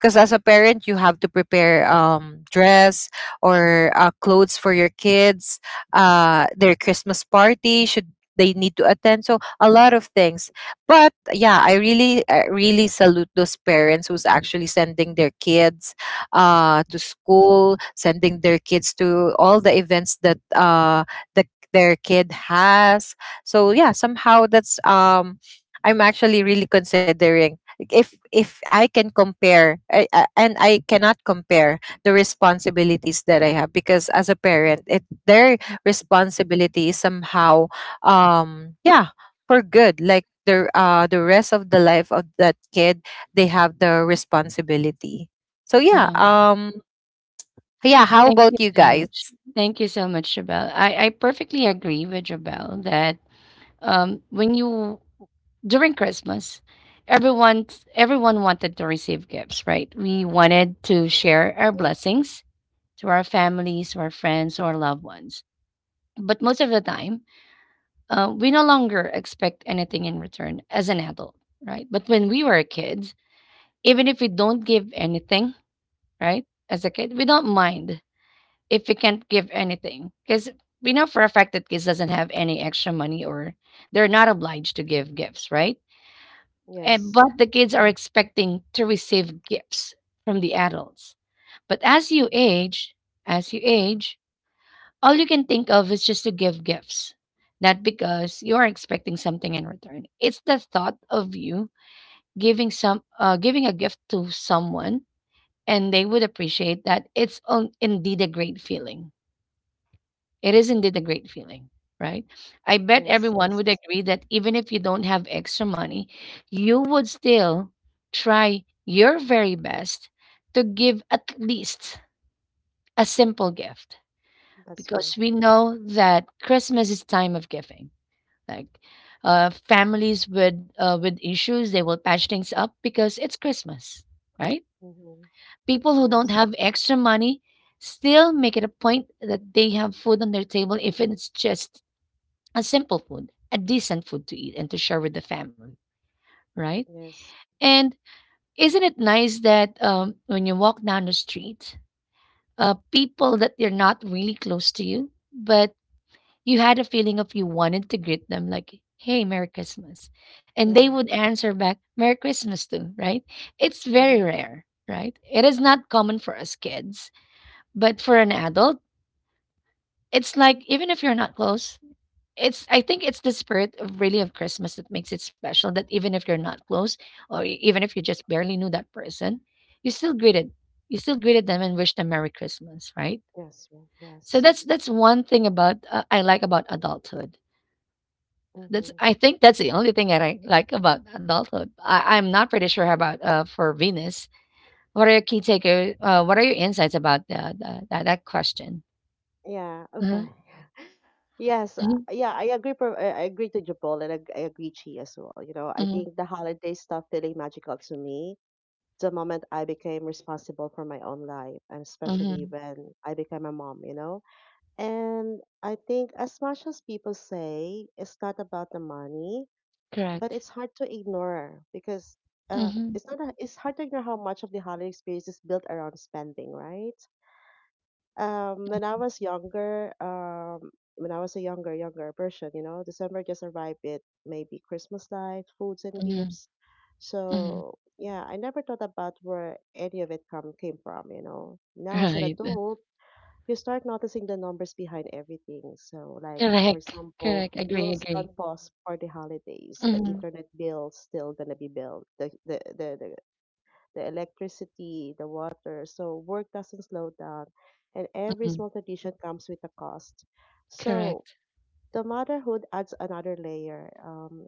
[SPEAKER 2] because as a parent you have to prepare, dress or clothes for your kids, their Christmas party should, they need to attend, so a lot of things. But yeah, I really salute those parents who's actually sending their kids to school, sending their kids to all the events that the, their kid has. So yeah, somehow that's I'm actually really considering, like, if I can compare I- and I cannot compare the responsibilities that I have because as a parent, it their responsibility is somehow um, yeah for good, like the rest of the life of that kid, they have the responsibility. So yeah,
[SPEAKER 1] Um,
[SPEAKER 2] yeah, how
[SPEAKER 1] thank you
[SPEAKER 2] about you
[SPEAKER 1] so
[SPEAKER 2] guys?
[SPEAKER 1] much. Thank you so much, Jabel. I perfectly agree with Jabel that when you during Christmas, everyone everyone wanted to receive gifts, right? We wanted to share
[SPEAKER 3] Yeah.
[SPEAKER 1] our blessings to our families, to our friends, or loved ones. But most of the time, we no longer expect anything in return as an adult, right? But when we were kids, even if we don't give anything, right? As a kid, we don't mind if we can't give anything because we know for a fact that kids doesn't have any extra money or they're not obliged to give gifts, right?
[SPEAKER 3] Yes.
[SPEAKER 1] And but the kids are expecting to receive gifts from the adults. But as you age, all you can think of is just to give gifts, not because you are expecting something in return. It's the thought of you giving a gift to someone and they would appreciate that it's on, indeed a great feeling. It is indeed a great feeling, right? I bet
[SPEAKER 3] Yes.
[SPEAKER 1] everyone would
[SPEAKER 3] Yes.
[SPEAKER 1] agree that even if you don't have extra money, you would still try your very best to give at least a simple gift
[SPEAKER 3] That's true.
[SPEAKER 1] because we know that Christmas is time of giving. Like families with issues, they will patch things up because it's Christmas, right?
[SPEAKER 3] Mm-hmm.
[SPEAKER 1] People who don't
[SPEAKER 3] Yes.
[SPEAKER 1] have extra money still make it a point that they have food on their table if it's just a simple food, a decent food to eat and to share with the family, right?
[SPEAKER 3] Yes.
[SPEAKER 1] And isn't it nice that when you walk down the street, people that you're not really close to you, but you had a feeling of you wanted to greet them, like, hey, Merry Christmas. And they
[SPEAKER 3] Yeah.
[SPEAKER 1] would answer back, Merry Christmas too, right? It's
[SPEAKER 3] Mm-hmm.
[SPEAKER 1] very rare, right? It is not common for us kids. But for an adult, it's like even if you're not close, it's I think it's the spirit of really of Christmas that makes it special that even if you're not close or even if you just barely knew that person, you still greeted you still greeted them and wished them Merry Christmas, right?
[SPEAKER 3] Yes.
[SPEAKER 1] So
[SPEAKER 3] Yes.
[SPEAKER 1] that's one thing about I like about adulthood. That's
[SPEAKER 3] Mm-hmm.
[SPEAKER 1] I think that's the only thing that I like about adulthood. I'm not pretty sure about for Venus. What are your key takeaways? What are your insights about that that question?
[SPEAKER 3] Yeah.
[SPEAKER 1] Mm-hmm,
[SPEAKER 3] Okay. Yes, uh,
[SPEAKER 1] mm-hmm,
[SPEAKER 3] yeah, I agree. I agree to Jabol, and I agree Chi as well. You know, I
[SPEAKER 1] mm-hmm,
[SPEAKER 3] think the holiday stopped feeling magical to me the moment I became responsible for my own life, and especially
[SPEAKER 1] mm-hmm.
[SPEAKER 3] when I became a mom. You know, and I think as much as people say it's not about the money, but
[SPEAKER 1] Correct.
[SPEAKER 3] it's hard to ignore because
[SPEAKER 1] Mhm,
[SPEAKER 3] it's not. A, it's hard to ignore how much of the holiday experience is built around spending, right? When I was younger, when I was a younger person, you know, December just arrived with maybe Christmas light, foods and
[SPEAKER 1] mhm,
[SPEAKER 3] gifts.
[SPEAKER 1] mhm.
[SPEAKER 3] So yeah, I never thought about where any of it come came from, you know. Now as an
[SPEAKER 1] Right.
[SPEAKER 3] adult, you start noticing the numbers behind everything. So like for
[SPEAKER 1] Correct.
[SPEAKER 3] example,
[SPEAKER 1] Correct. Agree,
[SPEAKER 3] bills
[SPEAKER 1] agree.
[SPEAKER 3] don't pause for the holidays. The
[SPEAKER 1] Mhm,
[SPEAKER 3] internet bill still gonna be billed. The the electricity, the water. So work doesn't slow down, and every
[SPEAKER 1] mhm.
[SPEAKER 3] small tradition comes with a cost. So
[SPEAKER 1] Correct.
[SPEAKER 3] the motherhood adds another layer.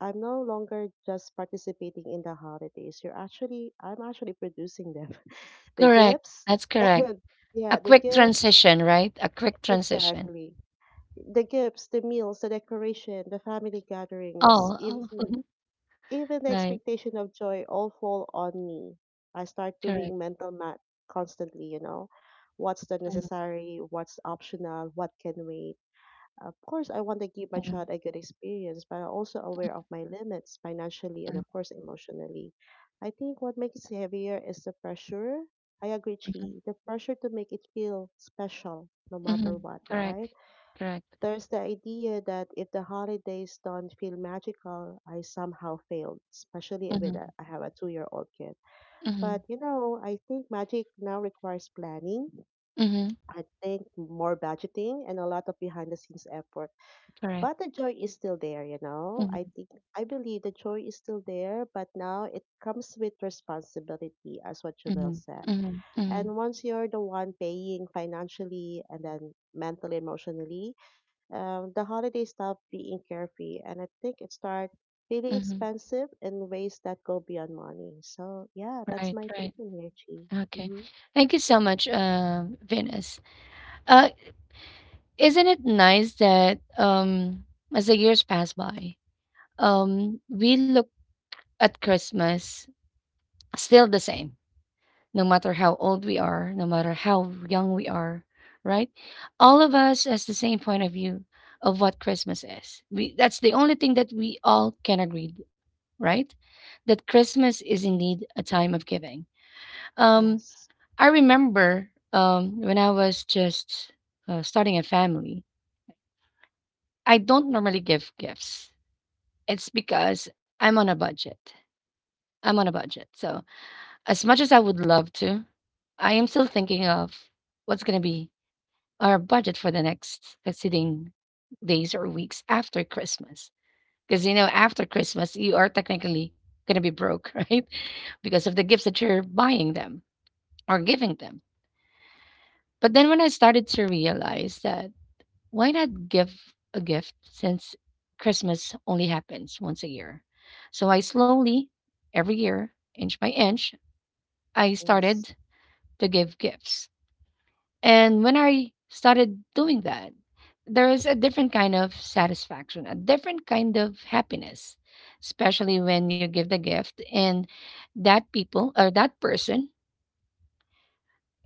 [SPEAKER 3] I'm no longer just participating in the holidays. I'm actually producing them. The
[SPEAKER 1] Correct.
[SPEAKER 3] gifts,
[SPEAKER 1] That's correct. A
[SPEAKER 3] yeah, the
[SPEAKER 1] quick
[SPEAKER 3] gifts,
[SPEAKER 1] transition, right? A quick transition.
[SPEAKER 3] exactly. The gifts, the meals, the decoration, the family gatherings,
[SPEAKER 1] Oh, oh.
[SPEAKER 3] even
[SPEAKER 1] Mhm.
[SPEAKER 3] the
[SPEAKER 1] Right.
[SPEAKER 3] expectation of joy all fall on me. I start
[SPEAKER 1] Correct.
[SPEAKER 3] doing mental math constantly, you know. What's the
[SPEAKER 1] Mhm,
[SPEAKER 3] necessary? What's optional? What can wait? Of course, I want to give my
[SPEAKER 1] mhm,
[SPEAKER 3] child a good experience, but I'm also aware of my limits financially and,
[SPEAKER 1] mhm,
[SPEAKER 3] of course, emotionally. I think what makes it heavier is the pressure. I agree,
[SPEAKER 1] mhm,
[SPEAKER 3] Chi. The pressure to make it feel special no matter
[SPEAKER 1] mhm.
[SPEAKER 3] what, right?
[SPEAKER 1] Correct. Correct.
[SPEAKER 3] There's the idea that if the holidays don't feel magical, I somehow failed, especially with
[SPEAKER 1] Mhm,
[SPEAKER 3] a, I have a 2 year old kid.
[SPEAKER 1] mhm,
[SPEAKER 3] But you know, I think magic now requires planning.
[SPEAKER 1] mhm.
[SPEAKER 3] I think more budgeting and a lot of behind the scenes effort.
[SPEAKER 1] Correct.
[SPEAKER 3] But the joy is still there, you know. I
[SPEAKER 1] Mhm,
[SPEAKER 3] think I believe the joy is still there, but now it comes with responsibility, as what Jubel
[SPEAKER 1] mhm,
[SPEAKER 3] said.
[SPEAKER 1] mhm, mhm,
[SPEAKER 3] And once you're the one paying financially and then mentally, emotionally, the holidays stop being carefree, and I think it start feeling
[SPEAKER 1] mhm.
[SPEAKER 3] expensive in ways that go beyond money. So yeah, that's
[SPEAKER 1] Right,
[SPEAKER 3] my take
[SPEAKER 1] right.
[SPEAKER 3] on here, Chi.
[SPEAKER 1] Okay.
[SPEAKER 3] Mm-hmm.
[SPEAKER 1] Thank you so much, Venus. Uh, Isn't it nice that as the years pass by, we look at Christmas still the same, no matter how old we are, no matter how young we are, right? All of us has the same point of view of what Christmas is. We, that's the only thing that we all can agree, right? That Christmas is indeed a time of giving. Um,
[SPEAKER 3] Yes,
[SPEAKER 1] I remember when I was just starting a family, I don't normally give gifts. It's because I'm on a budget. I'm on a budget. So, as much as I would love to, I am still thinking of what's going to be our budget for the next succeeding days or weeks after Christmas. Because, you know, after Christmas, you are technically going to be broke, right? Because of the gifts that you're buying them or giving them. But then when I started to realize that why not give a gift since Christmas only happens once a year? So I slowly, every year, inch by inch, I
[SPEAKER 3] yes,
[SPEAKER 1] started to give gifts. And when I started doing that, there is a different kind of satisfaction, a different kind of happiness, especially when you give the gift and that people or that person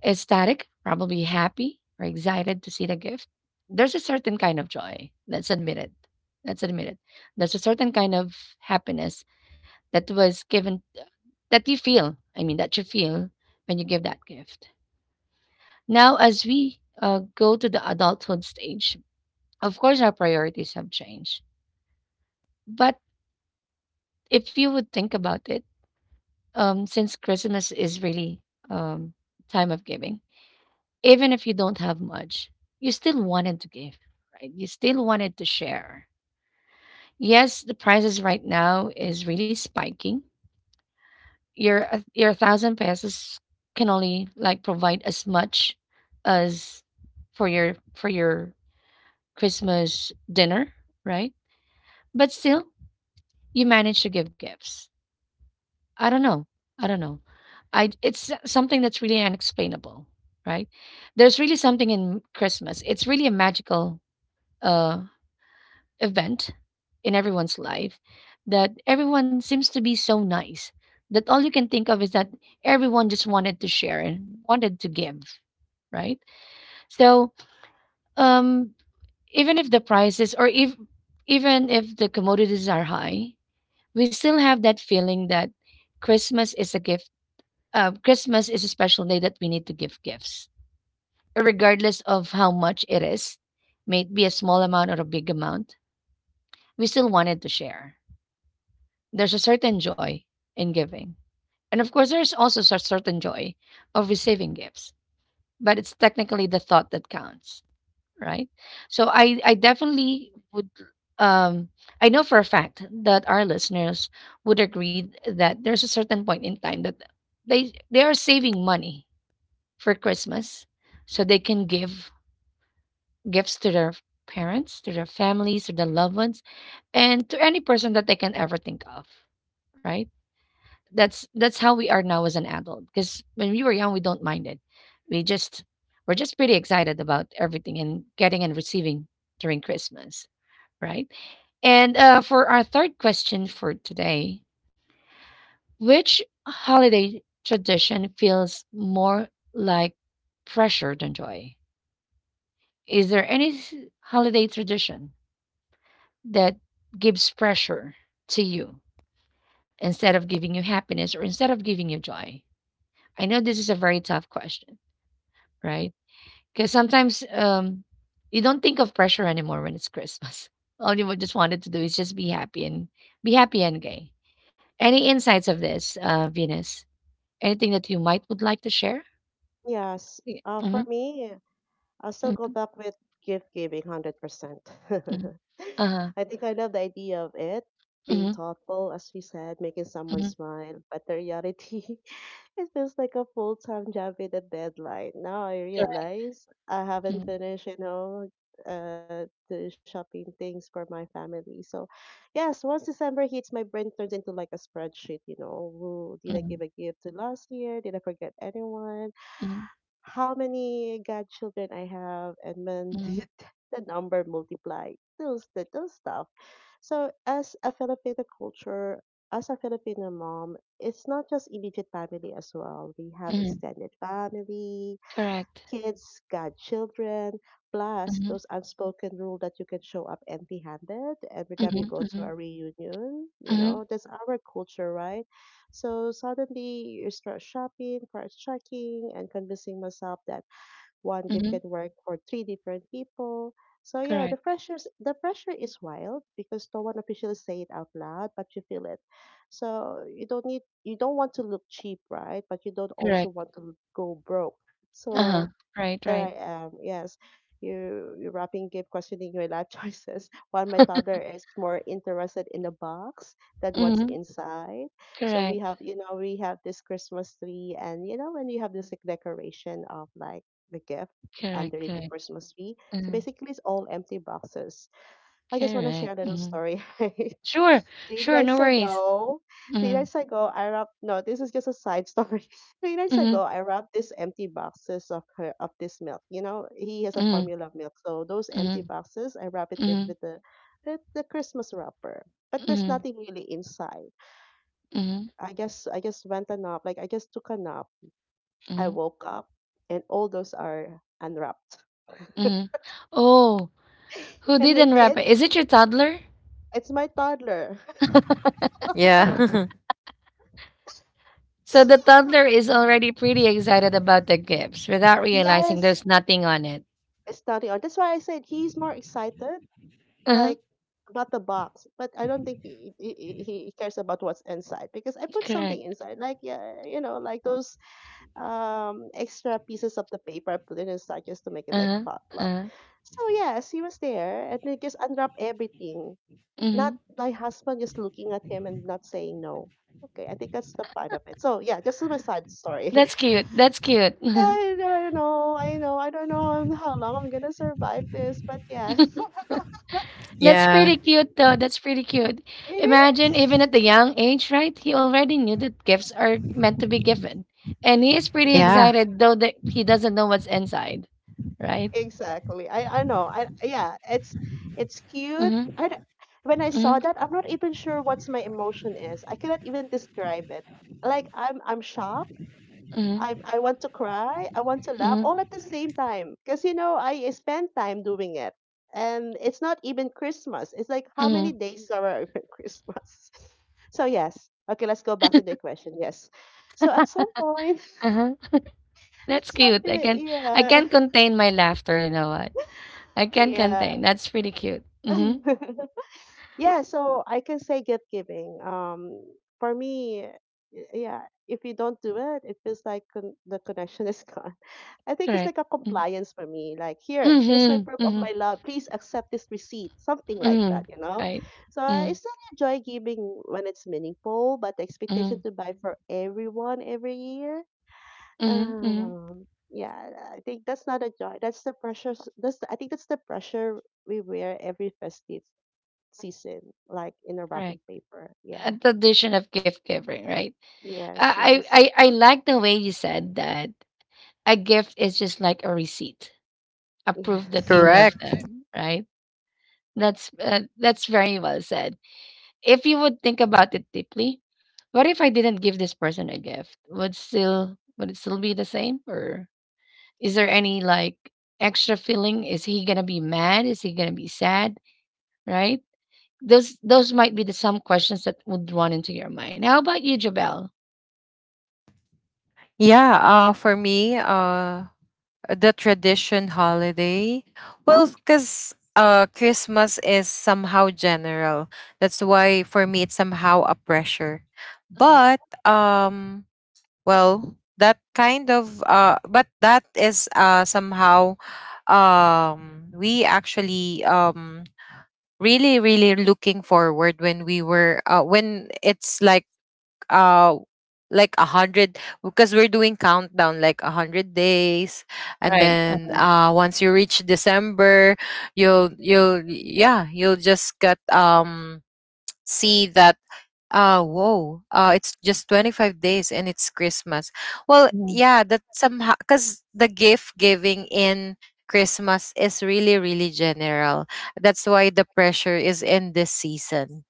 [SPEAKER 1] ecstatic, probably happy or excited to see the gift. There's a certain kind of joy. Let's admit it. There's a certain kind of happiness that was given, that you feel, I mean, that you feel when you give that gift. Now, as we go to the adulthood stage, of course, our priorities have changed. But if you would think about it, since Christmas is really um, time of giving, even if you don't have much, you still wanted to give, right? You still wanted to share. Yes, the prices right now is really spiking. Your thousand pesos can only like provide as much as for your Christmas dinner, right? But still, you manage to give gifts. I don't know. I don't know. I it's something that's really unexplainable, right? There's really something in Christmas. It's really a magical uh event in everyone's life that everyone seems to be so nice that all you can think of is that everyone just wanted to share and wanted to give, right? So um even if the prices or if even if the commodities are high, we still have that feeling that Christmas is a gift. Christmas is a special day that we need to give gifts regardless of how much it is, may it be a small amount or a big amount, we still wanted to share. There's a certain joy in giving. And of course, there's also a certain joy of receiving gifts, but it's technically the thought that counts, right? So I definitely would, um, I know for a fact that our listeners would agree that there's a certain point in time that they are saving money for Christmas so they can give gifts to their parents, to their families, to their loved ones, and to any person that they can ever think of, right? That's how we are now as an adult. Because when we were young, we don't mind it. We just we're just pretty excited about everything and getting and receiving during Christmas, right? And for our third question for today, which holiday tradition feels more like pressure than joy? Is there any holiday tradition that gives pressure to you instead of giving you happiness or instead of giving you joy? I know this is a very tough question. Right? Because sometimes you don't think of pressure anymore when it's Christmas. All you would just wanted to do is just be happy and gay. Any insights of this, Venus? Anything that you might would like to share?
[SPEAKER 3] yes.
[SPEAKER 1] Yeah.
[SPEAKER 3] For
[SPEAKER 1] Mhm,
[SPEAKER 3] me, I'll still go
[SPEAKER 1] mhm,
[SPEAKER 3] back with gift giving, hundred percent.
[SPEAKER 1] mhm. Uh-huh.
[SPEAKER 3] I think I love the idea of it, being
[SPEAKER 1] Mhm,
[SPEAKER 3] thoughtful, as we said, making someone
[SPEAKER 1] mhm.
[SPEAKER 3] smile. But the reality. It feels like a full-time job with a deadline. Now I
[SPEAKER 1] Correct.
[SPEAKER 3] realize I
[SPEAKER 1] Mhm, mhm,
[SPEAKER 3] haven't
[SPEAKER 1] mhm, mhm,
[SPEAKER 3] finished, the shopping things for my family. So, yes, once December hits, my brain turns into like a spreadsheet. You know, who did I give
[SPEAKER 1] mhm.
[SPEAKER 3] a gift to last year? Did I forget anyone? How many godchildren I have, and when did the number multiply? Those stuff. So as a Filipino culture, as a Filipino mom, it's not just immediate family as well. We have extended family,
[SPEAKER 1] Correct.
[SPEAKER 3] kids, godchildren, plus
[SPEAKER 1] Mhm,
[SPEAKER 3] those unspoken rule that you can show up empty handed every time you
[SPEAKER 1] mhm,
[SPEAKER 3] go to a
[SPEAKER 1] mhm,
[SPEAKER 3] reunion. You
[SPEAKER 1] mhm,
[SPEAKER 3] know, that's our culture, right? So suddenly you start shopping, price checking, and convincing myself that one gift
[SPEAKER 1] mhm.
[SPEAKER 3] can work for three different people. So yeah, the
[SPEAKER 1] Correct.
[SPEAKER 3] pressures the pressure is wild because no one officially say it out loud, but you feel it. So you don't want to look cheap, right? But you don't also
[SPEAKER 1] Correct.
[SPEAKER 3] want to go broke.
[SPEAKER 1] Uh-huh.
[SPEAKER 3] So
[SPEAKER 1] Right,
[SPEAKER 3] there
[SPEAKER 1] right.
[SPEAKER 3] I am. Yes. You rapping keep questioning your life choices while my toddler is more interested in the box than what's
[SPEAKER 1] Mm-hmm.
[SPEAKER 3] inside. So we
[SPEAKER 1] Correct.
[SPEAKER 3] have you know, we have this Christmas tree, and you know, when you have this like decoration of like the gift
[SPEAKER 1] Correct.
[SPEAKER 3] underneath the
[SPEAKER 1] Correct.
[SPEAKER 3] Christmas tree. So
[SPEAKER 1] Uh,
[SPEAKER 3] basically it's all empty boxes. I just wanna share
[SPEAKER 1] correct.
[SPEAKER 3] a little
[SPEAKER 1] Mm-hmm.
[SPEAKER 3] story.
[SPEAKER 1] Sure,
[SPEAKER 3] Three
[SPEAKER 1] sure, no
[SPEAKER 3] nights
[SPEAKER 1] worries.
[SPEAKER 3] ago, three
[SPEAKER 1] Mhm,
[SPEAKER 3] nights ago, I wrapped. No, this is just a side story. Three nights
[SPEAKER 1] mhm,
[SPEAKER 3] ago, I wrapped these empty boxes of her of this milk. You know, he has a
[SPEAKER 1] mhm,
[SPEAKER 3] formula milk, so those empty
[SPEAKER 1] mhm,
[SPEAKER 3] boxes, I wrap it with
[SPEAKER 1] mhm,
[SPEAKER 3] with the Christmas wrapper. But there's
[SPEAKER 1] mhm,
[SPEAKER 3] nothing really inside.
[SPEAKER 1] mhm,
[SPEAKER 3] I guess I just went a nap. Like I just took a nap. I
[SPEAKER 1] mhm,
[SPEAKER 3] woke up, and all those are unwrapped.
[SPEAKER 1] mhm. Oh, who
[SPEAKER 3] And my
[SPEAKER 1] didn't wrap it?
[SPEAKER 3] kid,
[SPEAKER 1] Is it your toddler?
[SPEAKER 3] it's my toddler.
[SPEAKER 2] Yeah.
[SPEAKER 1] So
[SPEAKER 3] So,
[SPEAKER 1] the toddler is already pretty excited about the gifts without realizing
[SPEAKER 3] yes,
[SPEAKER 1] there's nothing on it.
[SPEAKER 3] it's starting on. That's why I said he's more excited, like
[SPEAKER 1] Uh-huh,
[SPEAKER 3] not the box, but I don't think he cares about what's inside, because I put something
[SPEAKER 1] correct.
[SPEAKER 3] inside, like yeah, like those extra pieces of the paper. I put it inside just to make it like
[SPEAKER 1] Uh-huh,
[SPEAKER 3] flop flop.
[SPEAKER 1] uh-huh,
[SPEAKER 3] So yes, he was there and he just unwrapped everything. Not
[SPEAKER 1] mhm.
[SPEAKER 3] my husband, just looking at him and not saying no. Okay, I think that's the part of it. So yeah, just my side story.
[SPEAKER 1] That's cute. That's cute.
[SPEAKER 3] I don't know, how long I'm gonna survive this, but yeah.
[SPEAKER 1] That's
[SPEAKER 2] Yeah.
[SPEAKER 1] pretty cute, though. That's pretty cute.
[SPEAKER 3] It
[SPEAKER 1] Imagine, even
[SPEAKER 3] is.
[SPEAKER 1] at the young age, right? He already knew that gifts are meant to be given. And he is pretty
[SPEAKER 2] Yeah.
[SPEAKER 1] excited, though that he doesn't know what's inside, right?
[SPEAKER 3] Exactly. I know. I yeah, it's cute.
[SPEAKER 1] Mm-hmm.
[SPEAKER 3] I don't- When I
[SPEAKER 1] Mm-hmm.
[SPEAKER 3] saw that, I'm not even sure what's my emotion is. I cannot even describe it. Like I'm shocked.
[SPEAKER 1] Mm-hmm.
[SPEAKER 3] I want to cry. I want to laugh
[SPEAKER 1] Mm-hmm.
[SPEAKER 3] all at the same time, because I spend time doing it. And it's not even Christmas. It's like, how many
[SPEAKER 1] Mm-hmm.
[SPEAKER 3] days are even Christmas? So yes. Okay, let's go back to the question. Yes. So at some point.
[SPEAKER 1] Uh-huh. That's
[SPEAKER 3] Stop
[SPEAKER 1] cute. I
[SPEAKER 3] it.
[SPEAKER 1] can't I
[SPEAKER 3] Yeah.
[SPEAKER 1] can't contain my laughter, you know what? I can't
[SPEAKER 3] Yeah.
[SPEAKER 1] contain. That's pretty cute. Mm-hmm.
[SPEAKER 3] Yeah, so I can say gift giving. For me, yeah, if you don't do it, it feels like the connection is gone. I think it's
[SPEAKER 1] Correct.
[SPEAKER 3] like a
[SPEAKER 1] Mm-hmm.
[SPEAKER 3] compliance for me. Like here's my proof of
[SPEAKER 1] Mm-hmm.
[SPEAKER 3] my love. Please accept this receipt, something like
[SPEAKER 1] Mm-hmm.
[SPEAKER 3] that.
[SPEAKER 1] Right.
[SPEAKER 3] So I
[SPEAKER 1] Mm-hmm.
[SPEAKER 3] still enjoy giving when it's meaningful, but the
[SPEAKER 1] Mm-hmm.
[SPEAKER 3] expectation to buy for everyone every year,
[SPEAKER 1] Mm-hmm.
[SPEAKER 3] yeah, I think that's not a joy. That's the pressure. I think that's the pressure we wear every festive season, like in a wrapping
[SPEAKER 1] Correct.
[SPEAKER 3] paper.
[SPEAKER 1] A
[SPEAKER 3] Yeah.
[SPEAKER 1] tradition of gift giving, right?
[SPEAKER 3] Mm. Yes,
[SPEAKER 1] I, I
[SPEAKER 3] yes,
[SPEAKER 1] I I like the way you said that a gift is just like a receipt, a proof that you
[SPEAKER 3] yes,
[SPEAKER 1] love
[SPEAKER 2] Correct.
[SPEAKER 1] them, right? That's very well said. If you would think about it deeply, what if I didn't give this person a gift? Would still would it still be the same, or is there any like extra feeling? Is he gonna be mad? Is he gonna be sad? Right? Those might be the some questions that would run into your mind. How about you, Jabel?
[SPEAKER 2] Yeah, for me, the tradition holiday, well, because Christmas is somehow general, that's why for me it's somehow a pressure.
[SPEAKER 1] Mhm.
[SPEAKER 2] But that kind of but that is somehow, we actually really really looking forward when we were when it's uh like a hundred, because we're doing countdown like a hundred days. And
[SPEAKER 1] Right.
[SPEAKER 2] then once you reach December, you'll yeah, you'll just get, see that, whoa, it's just 25 days and it's Christmas. Well
[SPEAKER 1] Mhm.
[SPEAKER 2] yeah, that's somehow because the gift giving in Christmas is really really general, that's why the pressure is in this season.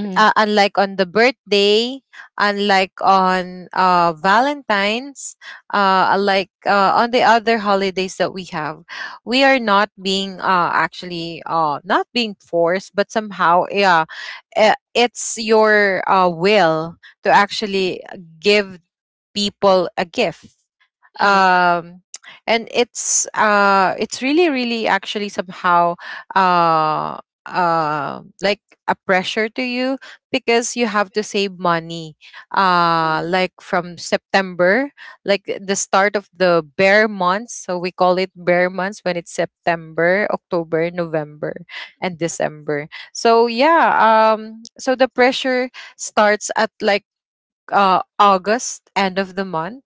[SPEAKER 1] Mhm.
[SPEAKER 2] Uh, unlike on the birthday, unlike on Valentine's, unlike on the other holidays that we have, we are not being actually not being forced, but somehow, yeah, it's your will to actually give people a gift.
[SPEAKER 1] Mhm.
[SPEAKER 2] Um and it's really really actually somehow uh like a pressure to you because you have to save money, like from September, like the start of the bear months, so we call it bear months when it's September, October, November, and December. So yeah, so the pressure starts at like August, end of the month.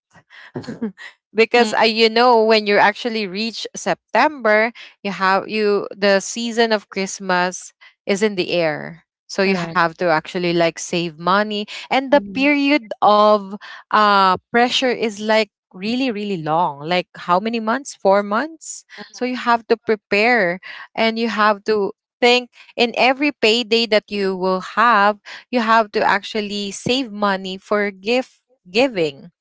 [SPEAKER 2] Because, I,
[SPEAKER 1] Mhm.
[SPEAKER 2] you know, when you actually reach September, you have you the season of Christmas is in the air. So you
[SPEAKER 1] Correct.
[SPEAKER 2] have to actually like save money, and the
[SPEAKER 1] Mhm.
[SPEAKER 2] period of pressure is like really really long, like how many months, 4 months. So you have to prepare, and you have to think, in every payday that you will have, you have to actually save money for gift giving.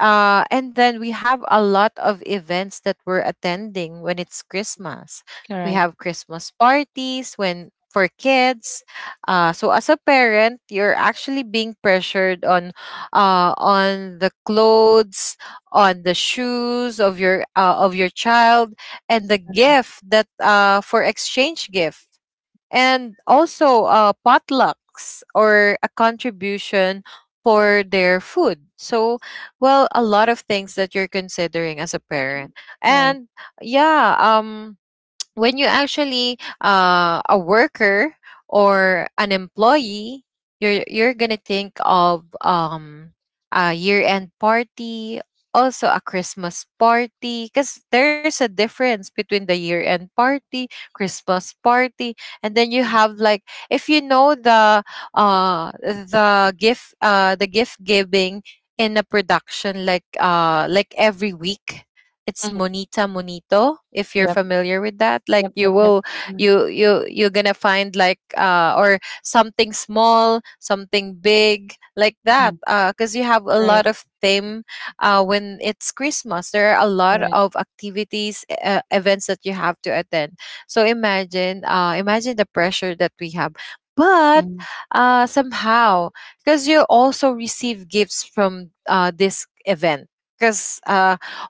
[SPEAKER 2] Uh, and then we have a lot of events that we're attending when it's Christmas. We
[SPEAKER 1] Correct.
[SPEAKER 2] have Christmas parties when for kids. So as a parent, you're actually being pressured on the clothes, on the shoes of your child, and the gift that for exchange gift, and also potlucks or a contribution for their food. So, well, a lot of things that you're considering as a parent.
[SPEAKER 1] Right.
[SPEAKER 2] And yeah, when you actually a worker or an employee, you're gonna think of a year-end party, also a Christmas party, because there's a difference between the year-end party, Christmas party. And then you
[SPEAKER 1] Mhm.
[SPEAKER 2] have like, if you know the gift, the gift giving in a production, like every week, it's
[SPEAKER 1] Mhm.
[SPEAKER 2] Monita Monito, if you're
[SPEAKER 1] Yep.
[SPEAKER 2] familiar with that. Like
[SPEAKER 1] Yep.
[SPEAKER 2] you
[SPEAKER 1] Yep. Yep.
[SPEAKER 2] will,
[SPEAKER 1] Mhm.
[SPEAKER 2] you you're gonna find like or something small, something big, like that.
[SPEAKER 1] Mhm.
[SPEAKER 2] Uh, because you have a
[SPEAKER 1] Right.
[SPEAKER 2] lot of theme when it's Christmas. There are a lot
[SPEAKER 1] Correct.
[SPEAKER 2] of activities, events that you have to attend. So imagine the pressure that we have. But
[SPEAKER 1] Mhm.
[SPEAKER 2] somehow, because you also receive gifts from this event, because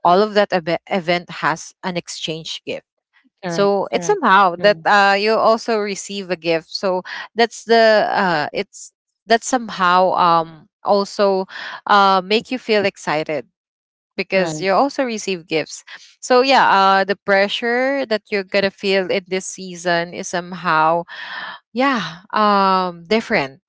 [SPEAKER 2] all of event has an exchange gift. So it's somehow that
[SPEAKER 1] Great.
[SPEAKER 2] you also receive a gift. So that's the it's that somehow also make you feel excited because you also receive gifts. So yeah, the pressure that you're gonna feel in this season is somehow, yeah, different.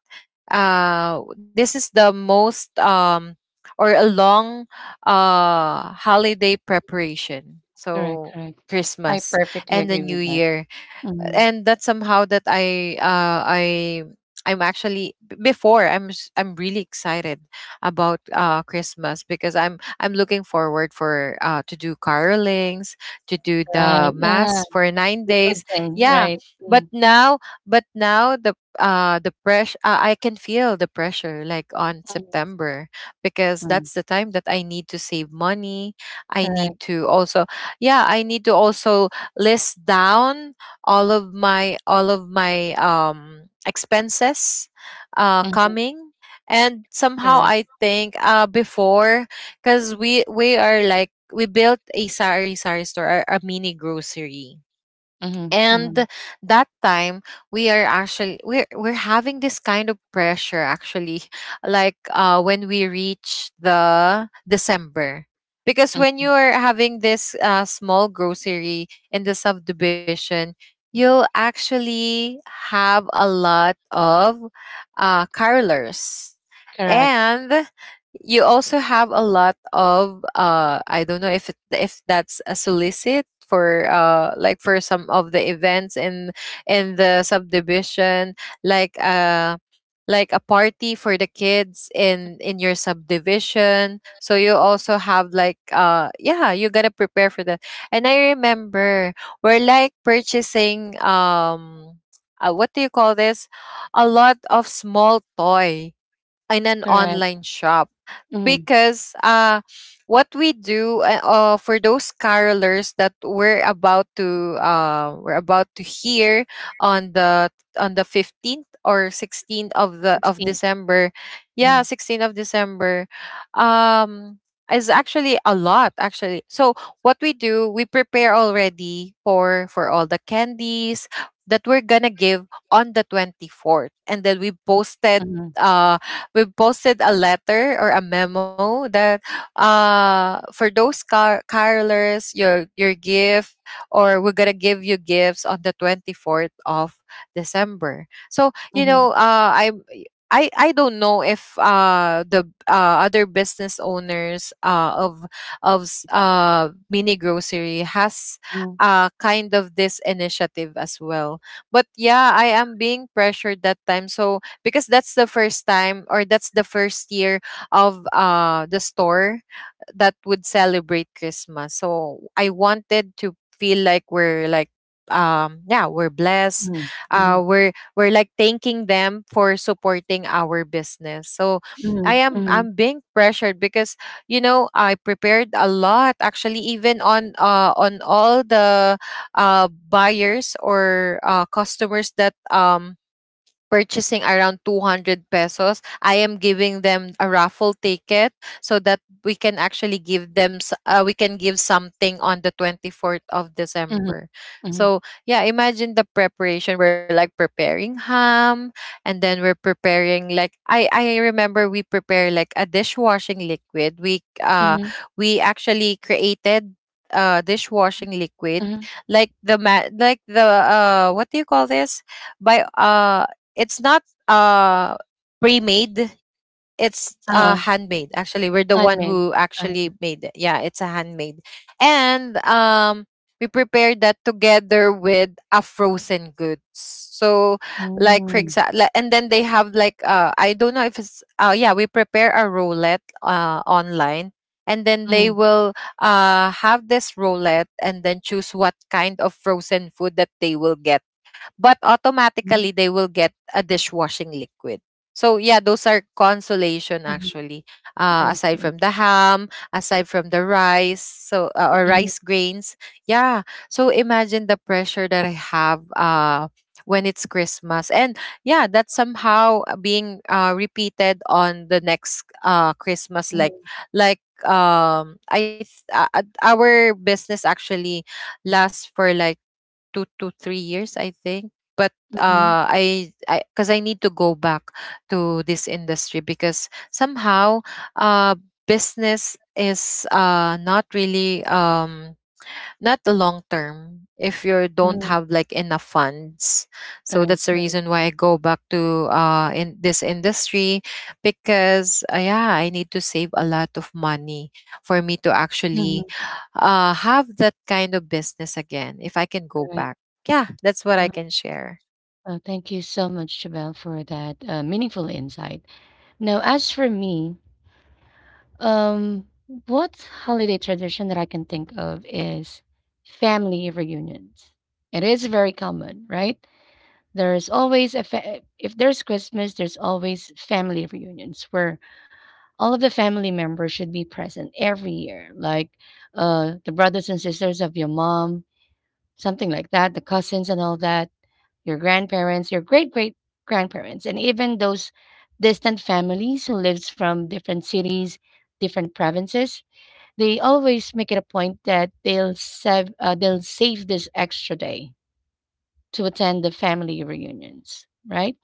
[SPEAKER 2] This is the most or a long holiday preparation,
[SPEAKER 1] Correct.
[SPEAKER 2] so
[SPEAKER 1] Correct. I
[SPEAKER 2] Christmas
[SPEAKER 1] perfectly
[SPEAKER 2] and the
[SPEAKER 1] agree
[SPEAKER 2] New
[SPEAKER 1] with that.
[SPEAKER 2] Year.
[SPEAKER 1] Mhm.
[SPEAKER 2] And that's somehow that I'm actually I'm really excited about Christmas, because I'm looking forward for to do carolings, to do the
[SPEAKER 1] Right. Ah,
[SPEAKER 2] mass for nine
[SPEAKER 1] the good
[SPEAKER 2] days
[SPEAKER 1] thing.
[SPEAKER 2] Yeah,
[SPEAKER 1] Right.
[SPEAKER 2] but
[SPEAKER 1] Mm.
[SPEAKER 2] now, the pressure, I can feel the pressure like on
[SPEAKER 1] Mhm.
[SPEAKER 2] September, because
[SPEAKER 1] Mhm.
[SPEAKER 2] that's the time that I need to save money. I need
[SPEAKER 1] Correct.
[SPEAKER 2] to also, yeah, I need to also list down all of my expenses
[SPEAKER 1] Mhm.
[SPEAKER 2] coming. And somehow
[SPEAKER 1] Correct.
[SPEAKER 2] I think before, because we are like, we built a sari sari store, a mini grocery.
[SPEAKER 1] Mhm.
[SPEAKER 2] And
[SPEAKER 1] Mhm.
[SPEAKER 2] that time we are actually, we're having this kind of pressure actually like when we reach the December, because when
[SPEAKER 1] Mhm.
[SPEAKER 2] you are having this small grocery in the subdivision, you'll actually have a lot of carolers.
[SPEAKER 1] Correct.
[SPEAKER 2] And you also have a lot of I don't know if if that's a solicit for like for some of the events in the subdivision, like uh like a party for the kids in your subdivision. So you also have like, yeah, you gotta prepare for that. And I remember we're like purchasing, what do you call this, a lot of small toy in an
[SPEAKER 1] Correct.
[SPEAKER 2] online shop,
[SPEAKER 1] Mhm.
[SPEAKER 2] because what we do, for those carolers that we're about to, we're about to hear on the 15th or 16th of the of
[SPEAKER 1] 16.
[SPEAKER 2] December,
[SPEAKER 1] Mhm.
[SPEAKER 2] yeah, 16th of December, um is actually a lot actually. So what we do, we prepare already for all the candies that we're gonna give on the 24th, and then
[SPEAKER 1] Mhm.
[SPEAKER 2] we've posted a letter or a memo that, for those carolers, your gift, or we're gonna give you gifts on the 24th of December. So you
[SPEAKER 1] Mhm.
[SPEAKER 2] know, I don't know if the other business owners of mini grocery has
[SPEAKER 1] Mhm.
[SPEAKER 2] kind of this initiative as well. But yeah, I am being pressured that time. So because that's the first time, or that's the first year of the store that would celebrate Christmas. So I wanted to feel like we're like, yeah, we're blessed,
[SPEAKER 1] Mhm. Mhm.
[SPEAKER 2] we're like thanking them for supporting our business. So i am
[SPEAKER 1] Mhm.
[SPEAKER 2] i'm being pressured because, you know, I prepared a lot actually. Even on all the buyers or customers that purchasing around 200 pesos, I am giving them a raffle ticket, so that we can actually give them we can give something on the 24th of
[SPEAKER 1] Mhm.
[SPEAKER 2] December.
[SPEAKER 1] Mhm. Mhm.
[SPEAKER 2] So yeah, imagine the preparation. We're like preparing ham, and then we're preparing like, I remember we prepare like a dishwashing liquid. We uh
[SPEAKER 1] Mhm.
[SPEAKER 2] we actually created dishwashing liquid,
[SPEAKER 1] Mhm.
[SPEAKER 2] like the ma- like the what do you call this, by it's not, uh pre-made, it's
[SPEAKER 1] Uh-huh.
[SPEAKER 2] handmade. Actually, we're the one
[SPEAKER 1] Handmade.
[SPEAKER 2] who
[SPEAKER 1] Uh,
[SPEAKER 2] actually made it. Yeah, it's a handmade. And we prepared that together with a frozen goods. So like, for
[SPEAKER 1] mm.
[SPEAKER 2] example, and then they have like, I don't know if it's yeah, we prepare a roulette online, and then they
[SPEAKER 1] Mm.
[SPEAKER 2] will have this roulette and then choose what kind of frozen food that they will get, but automatically they will get a dishwashing liquid. So yeah, those are consolation
[SPEAKER 1] Mhm.
[SPEAKER 2] actually.
[SPEAKER 1] I
[SPEAKER 2] Aside
[SPEAKER 1] see.
[SPEAKER 2] from the ham, aside from the rice, so or
[SPEAKER 1] Mhm,
[SPEAKER 2] rice grains, yeah. So imagine the pressure that I have, when it's Christmas. And yeah, that's somehow being repeated on the next Christmas, like,
[SPEAKER 1] mhm,
[SPEAKER 2] our business actually lasts for like 2 to 3 years, I think. But
[SPEAKER 1] mhm,
[SPEAKER 2] because I need to go back to this industry, because somehow, uh, business is not really not the long term if you don't
[SPEAKER 1] mhm.
[SPEAKER 2] have like enough funds. So
[SPEAKER 1] Right,
[SPEAKER 2] that's the
[SPEAKER 1] right.
[SPEAKER 2] reason why I go back to in this industry, because yeah, I need to save a lot of money for me to
[SPEAKER 1] Mhm,
[SPEAKER 2] actually have that kind of business again, if I can go
[SPEAKER 1] right.
[SPEAKER 2] back. Yeah, that's
[SPEAKER 1] Yeah.
[SPEAKER 2] what I can share.
[SPEAKER 1] Thank you so much, Jabel, for that meaningful insight. Now, as for me, um, what holiday tradition that I can think of is family reunions. It is very common, right? There's always a if there's Christmas, there's always family reunions where all of the family members should be present every year, like the brothers and sisters of your mom, something like that, the cousins and all that, your grandparents, your great great grandparents, and even those distant families who lives from different cities, different provinces. They always make it a point that they'll save this extra day to attend the family reunions, right?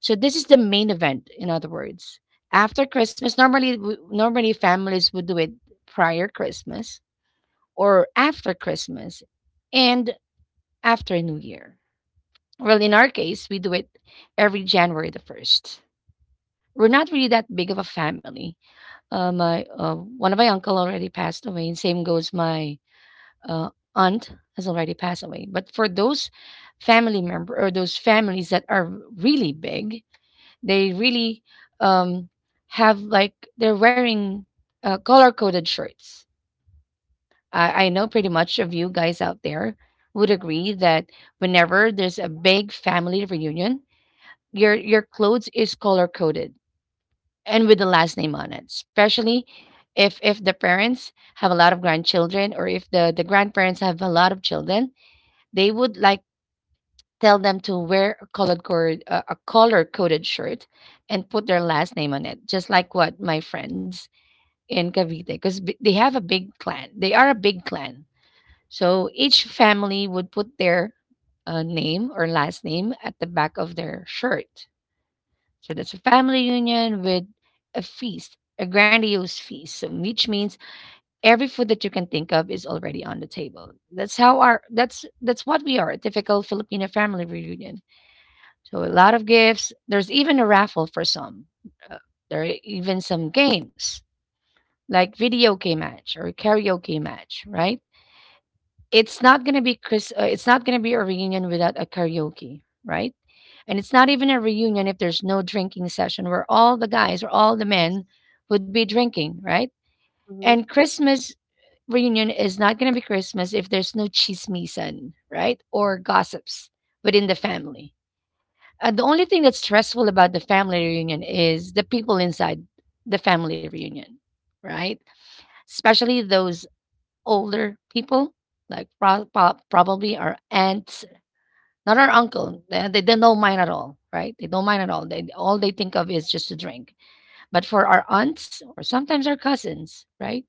[SPEAKER 1] So this is the main event, in other words. After Christmas, normally families would do it prior Christmas or after Christmas and after New Year. Well, in our case, we do it every January the 1st. We're not really that big of a family. My one of my uncle already passed away, and same goes my uh, aunt has already passed away. But for those family member or those families that are really big, they really um, have like they're wearing color coded shirts. I know pretty much of you guys out there would agree that whenever there's a big family reunion, your clothes is color coded and with the last name on it, especially if the parents have a lot of grandchildren, or if the grandparents have a lot of children, they would like tell them to wear a colored cord, a color coded shirt and put their last name on it, just like what my friends in Cavite, because they have a big clan, they are a big clan, so each family would put their name or last name at the back of their shirt. So that's a family reunion with a feast, a grandiose feast. So which means every food that you can think of is already on the table. That's how our that's what we are, a typical Filipino family reunion. So a lot of gifts. There's even a raffle for some. Uh, there are even some games like video game match or karaoke match, right? It's not gonna be a reunion without a karaoke, right? And it's not even a reunion if there's no drinking session where all the guys or all the
[SPEAKER 3] yes.
[SPEAKER 1] men would be drinking, right?
[SPEAKER 3] Mm-hmm.
[SPEAKER 1] And Christmas reunion is not gonna be Christmas if there's no chismisan, right? Or gossips within the family. The only thing that's stressful about the family reunion is the people inside the family reunion, right? Especially those older people, like probably our aunts, not our uncle. They don't know mine at all, right? They don't mind at all. They all they think of is just to drink. But for our aunts or sometimes our cousins, right?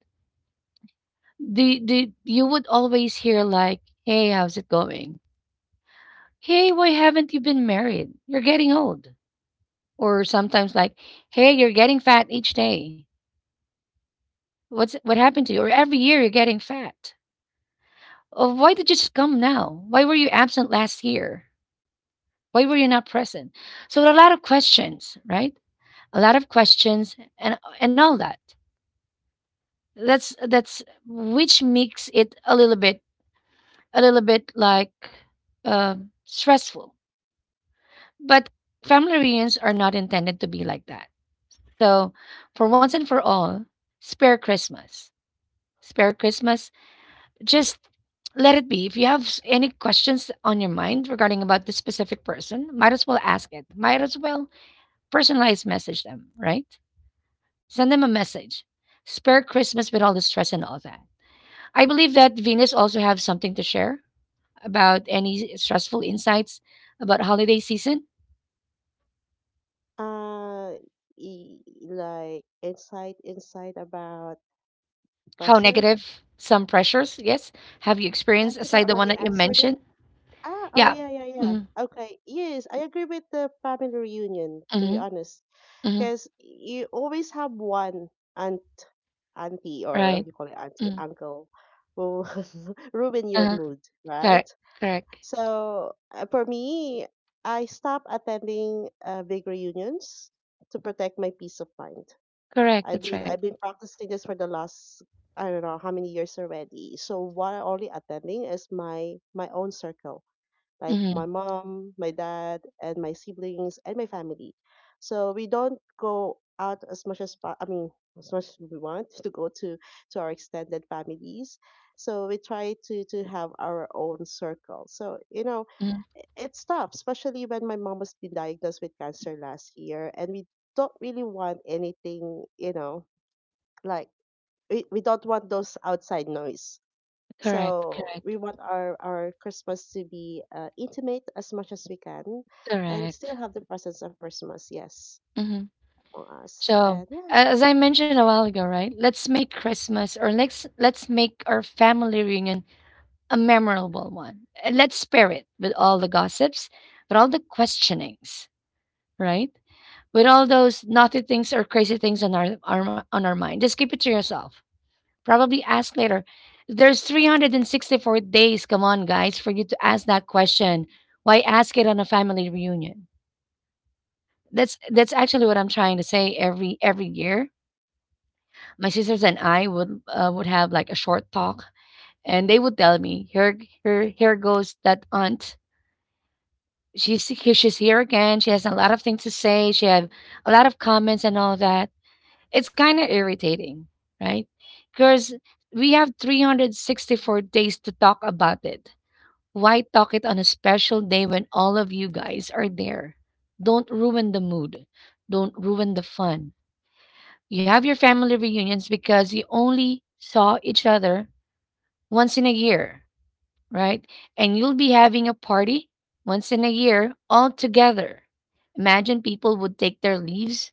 [SPEAKER 1] The you would always hear like, "Hey, how's it going? Hey, why haven't you been married? You're getting old." Or sometimes like, "Hey, you're getting fat each day. What happened to you?" Or every year you're getting fat. Oh, why did you just come now? Why were you absent last year? Why were you not present? So a lot of questions, right? A lot of questions and all that. That's which makes it a little bit like uh, stressful. But family reunions are not intended to be like that. So for once and for all, spare Christmas. Spare Christmas. Just let it be. If you have any questions on your mind regarding about this specific person, might as well ask it. Might as well personalized message them, right? Send them a message. Spare Christmas with all the stress and all that. I believe that Venus also have something to share about any stressful insights about holiday season,
[SPEAKER 3] Uh, like, insight about
[SPEAKER 1] how
[SPEAKER 3] pressured.
[SPEAKER 1] negative some pressures, yes, have you
[SPEAKER 3] I
[SPEAKER 1] experienced
[SPEAKER 3] think I
[SPEAKER 1] aside the one
[SPEAKER 3] already
[SPEAKER 1] that you
[SPEAKER 3] answered it.
[SPEAKER 1] mentioned?
[SPEAKER 3] Ah, oh
[SPEAKER 1] Yeah.
[SPEAKER 3] yeah, yeah, yeah.
[SPEAKER 1] Hmm.
[SPEAKER 3] Okay. Yes, I agree with the family reunion, to be
[SPEAKER 1] Hmm.
[SPEAKER 3] honest,
[SPEAKER 1] Hmm.
[SPEAKER 3] because you always have one aunt, auntie,
[SPEAKER 1] Right.
[SPEAKER 3] or you call it auntie,
[SPEAKER 1] Mm.
[SPEAKER 3] uncle, who ruin your
[SPEAKER 1] Uh-huh.
[SPEAKER 3] mood, right?
[SPEAKER 1] Correct. Correct.
[SPEAKER 3] So for me, I stopped attending big reunions to protect my peace of mind.
[SPEAKER 1] Correct.
[SPEAKER 3] I've
[SPEAKER 1] That's
[SPEAKER 3] been
[SPEAKER 1] right.
[SPEAKER 3] I've been practicing this for the last, I don't know how many years already. So what I'm only attending is my own circle, like
[SPEAKER 1] Hmm.
[SPEAKER 3] my mom, my dad, and my siblings and my family. So we don't go out as much as I mean, as much as we want to go to our extended families. So we try to have our own circle. So
[SPEAKER 1] Hmm.
[SPEAKER 3] it's tough, especially when my mom was been diagnosed with cancer last year, and we don't really want anything, like we don't want those outside noise.
[SPEAKER 1] Correct.
[SPEAKER 3] So
[SPEAKER 1] Correct.
[SPEAKER 3] we want our Christmas to be intimate as much as we can, and still
[SPEAKER 1] Correct.
[SPEAKER 3] have the presence of Christmas, yes,
[SPEAKER 1] Hmm.
[SPEAKER 3] for us.
[SPEAKER 1] So,
[SPEAKER 3] And yeah.
[SPEAKER 1] as I mentioned a while ago, right? Let's make Christmas, or let's make our family reunion a memorable one. And let's spare it with all the gossips, with all the questionings, right? With all those naughty things or crazy things on our on our mind. Just keep it to yourself. Probably ask later. There's 364 days, come on guys, for you to ask that question. Why ask it on a family reunion? That's actually what I'm trying to say. Every year my sisters and I would have like a short talk, and they would tell me, "Here, here goes that aunt. She's here. She's here again. She has a lot of things to say. She have a lot of comments and all that." It's kind of irritating, right? Because we have 364 days to talk about it. Why talk it on a special day when all of you guys are there? Don't ruin the mood. Don't ruin the fun. You have your family reunions because you only saw each other once in a year, right? And you'll be having a party once in a year all together. Imagine people would take their leaves,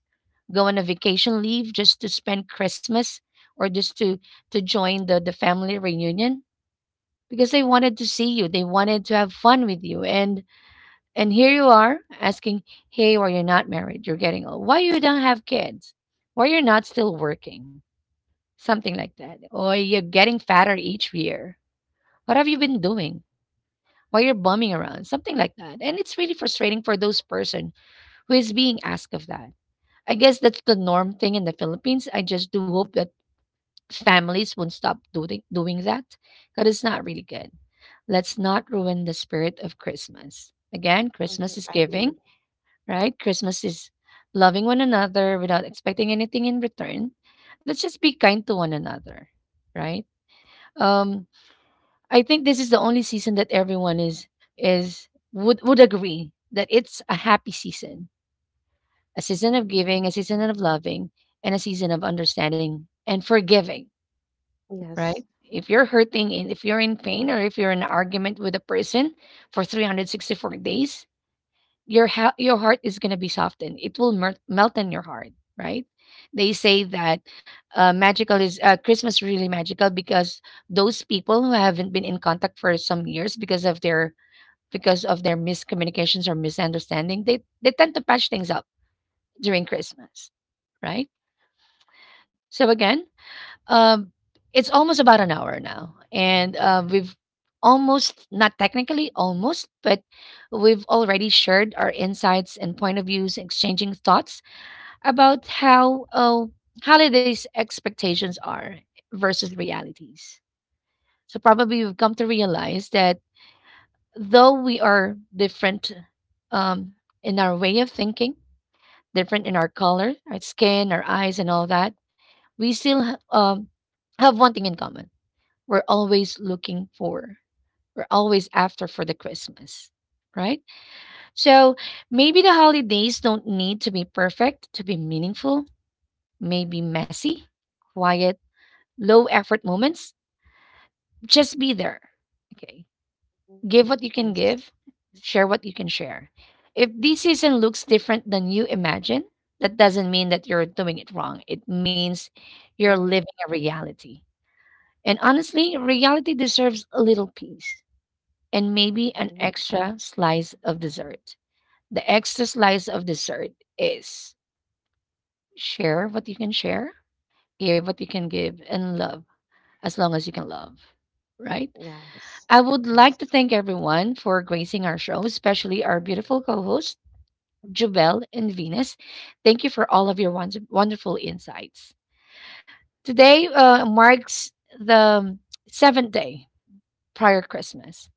[SPEAKER 1] go on a vacation leave just to spend Christmas or just to join the family reunion because they wanted to see you. They wanted to have fun with you. And here you are asking, "Hey, why you're not married? You're getting old. Why you don't have kids? Why you're not still working?" Something like that. Or you're getting fatter each year. What have you been doing while you're bumming around, something like that. And it's really frustrating for those person who is being asked of that. I guess that's the norm thing in the Philippines. I just do hope that families won't stop doing that, because it's not really good. Let's not ruin the spirit of Christmas. Again, Christmas is
[SPEAKER 3] I
[SPEAKER 1] giving,
[SPEAKER 3] agree.
[SPEAKER 1] right? Christmas is loving one another without expecting anything in return. Let's just be kind to one another, right? Um, I think this is the only season that everyone is would agree that it's a happy season, a season of giving, a season of loving, and a season of understanding and forgiving, right?
[SPEAKER 3] Yes.
[SPEAKER 1] If you're hurting and if you're in pain or if you're in an argument with a person for 364 days, your your heart is going to be softened. It will melt in your heart, right? They say that magical is Christmas is really magical because those people who haven't been in contact for some years because of their miscommunications or misunderstanding, they tend to patch things up during Christmas, right? So again, um, it's almost about an hour now, and we've almost, not technically almost, but we've already shared our insights and point of views, exchanging thoughts about how holidays expectations are versus realities. So probably we've come to realize that though we are different um, in our way of thinking, different in our color, our skin, our eyes, and all that, we still have one thing in common. We're always looking for, we're always after for the Christmas, right? So maybe the holidays don't need to be perfect to be meaningful, maybe messy, quiet, low effort moments. Just be there. Okay.
[SPEAKER 3] Mhm.
[SPEAKER 1] Give what you can
[SPEAKER 3] Yes.
[SPEAKER 1] give, share what you can share. If this season looks different than you imagine, that doesn't mean that you're doing it wrong. It means you're
[SPEAKER 3] Mm-hmm.
[SPEAKER 1] living a reality. And honestly, reality deserves a little peace and maybe an
[SPEAKER 3] Mm-hmm.
[SPEAKER 1] extra slice of dessert. The extra slice of dessert is share what you can share, give what you can give, and love as long as you can love, right?
[SPEAKER 3] Yes.
[SPEAKER 1] I would like to
[SPEAKER 3] Nice.
[SPEAKER 1] thank everyone for gracing our show, especially our beautiful co hosts, Jubel and Venus. Thank you for all of your wonderful insights. Today marks the seventh day prior Christmas.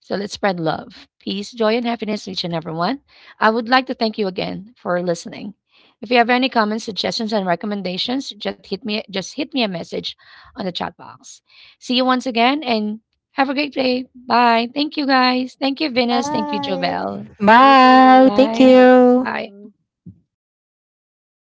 [SPEAKER 1] So let's spread love, peace, joy, and happiness to each and every one. I would like to thank you again for listening. If you have any comments, suggestions, and recommendations, just hit me a message on the chat box. See you once again and have a great day. Bye. Thank you guys. Thank you, Venus. Thank you,
[SPEAKER 3] Bye.
[SPEAKER 1] Jovel.
[SPEAKER 3] Thank you.
[SPEAKER 2] Bye.
[SPEAKER 1] Bye.
[SPEAKER 3] Bye.
[SPEAKER 1] Bye.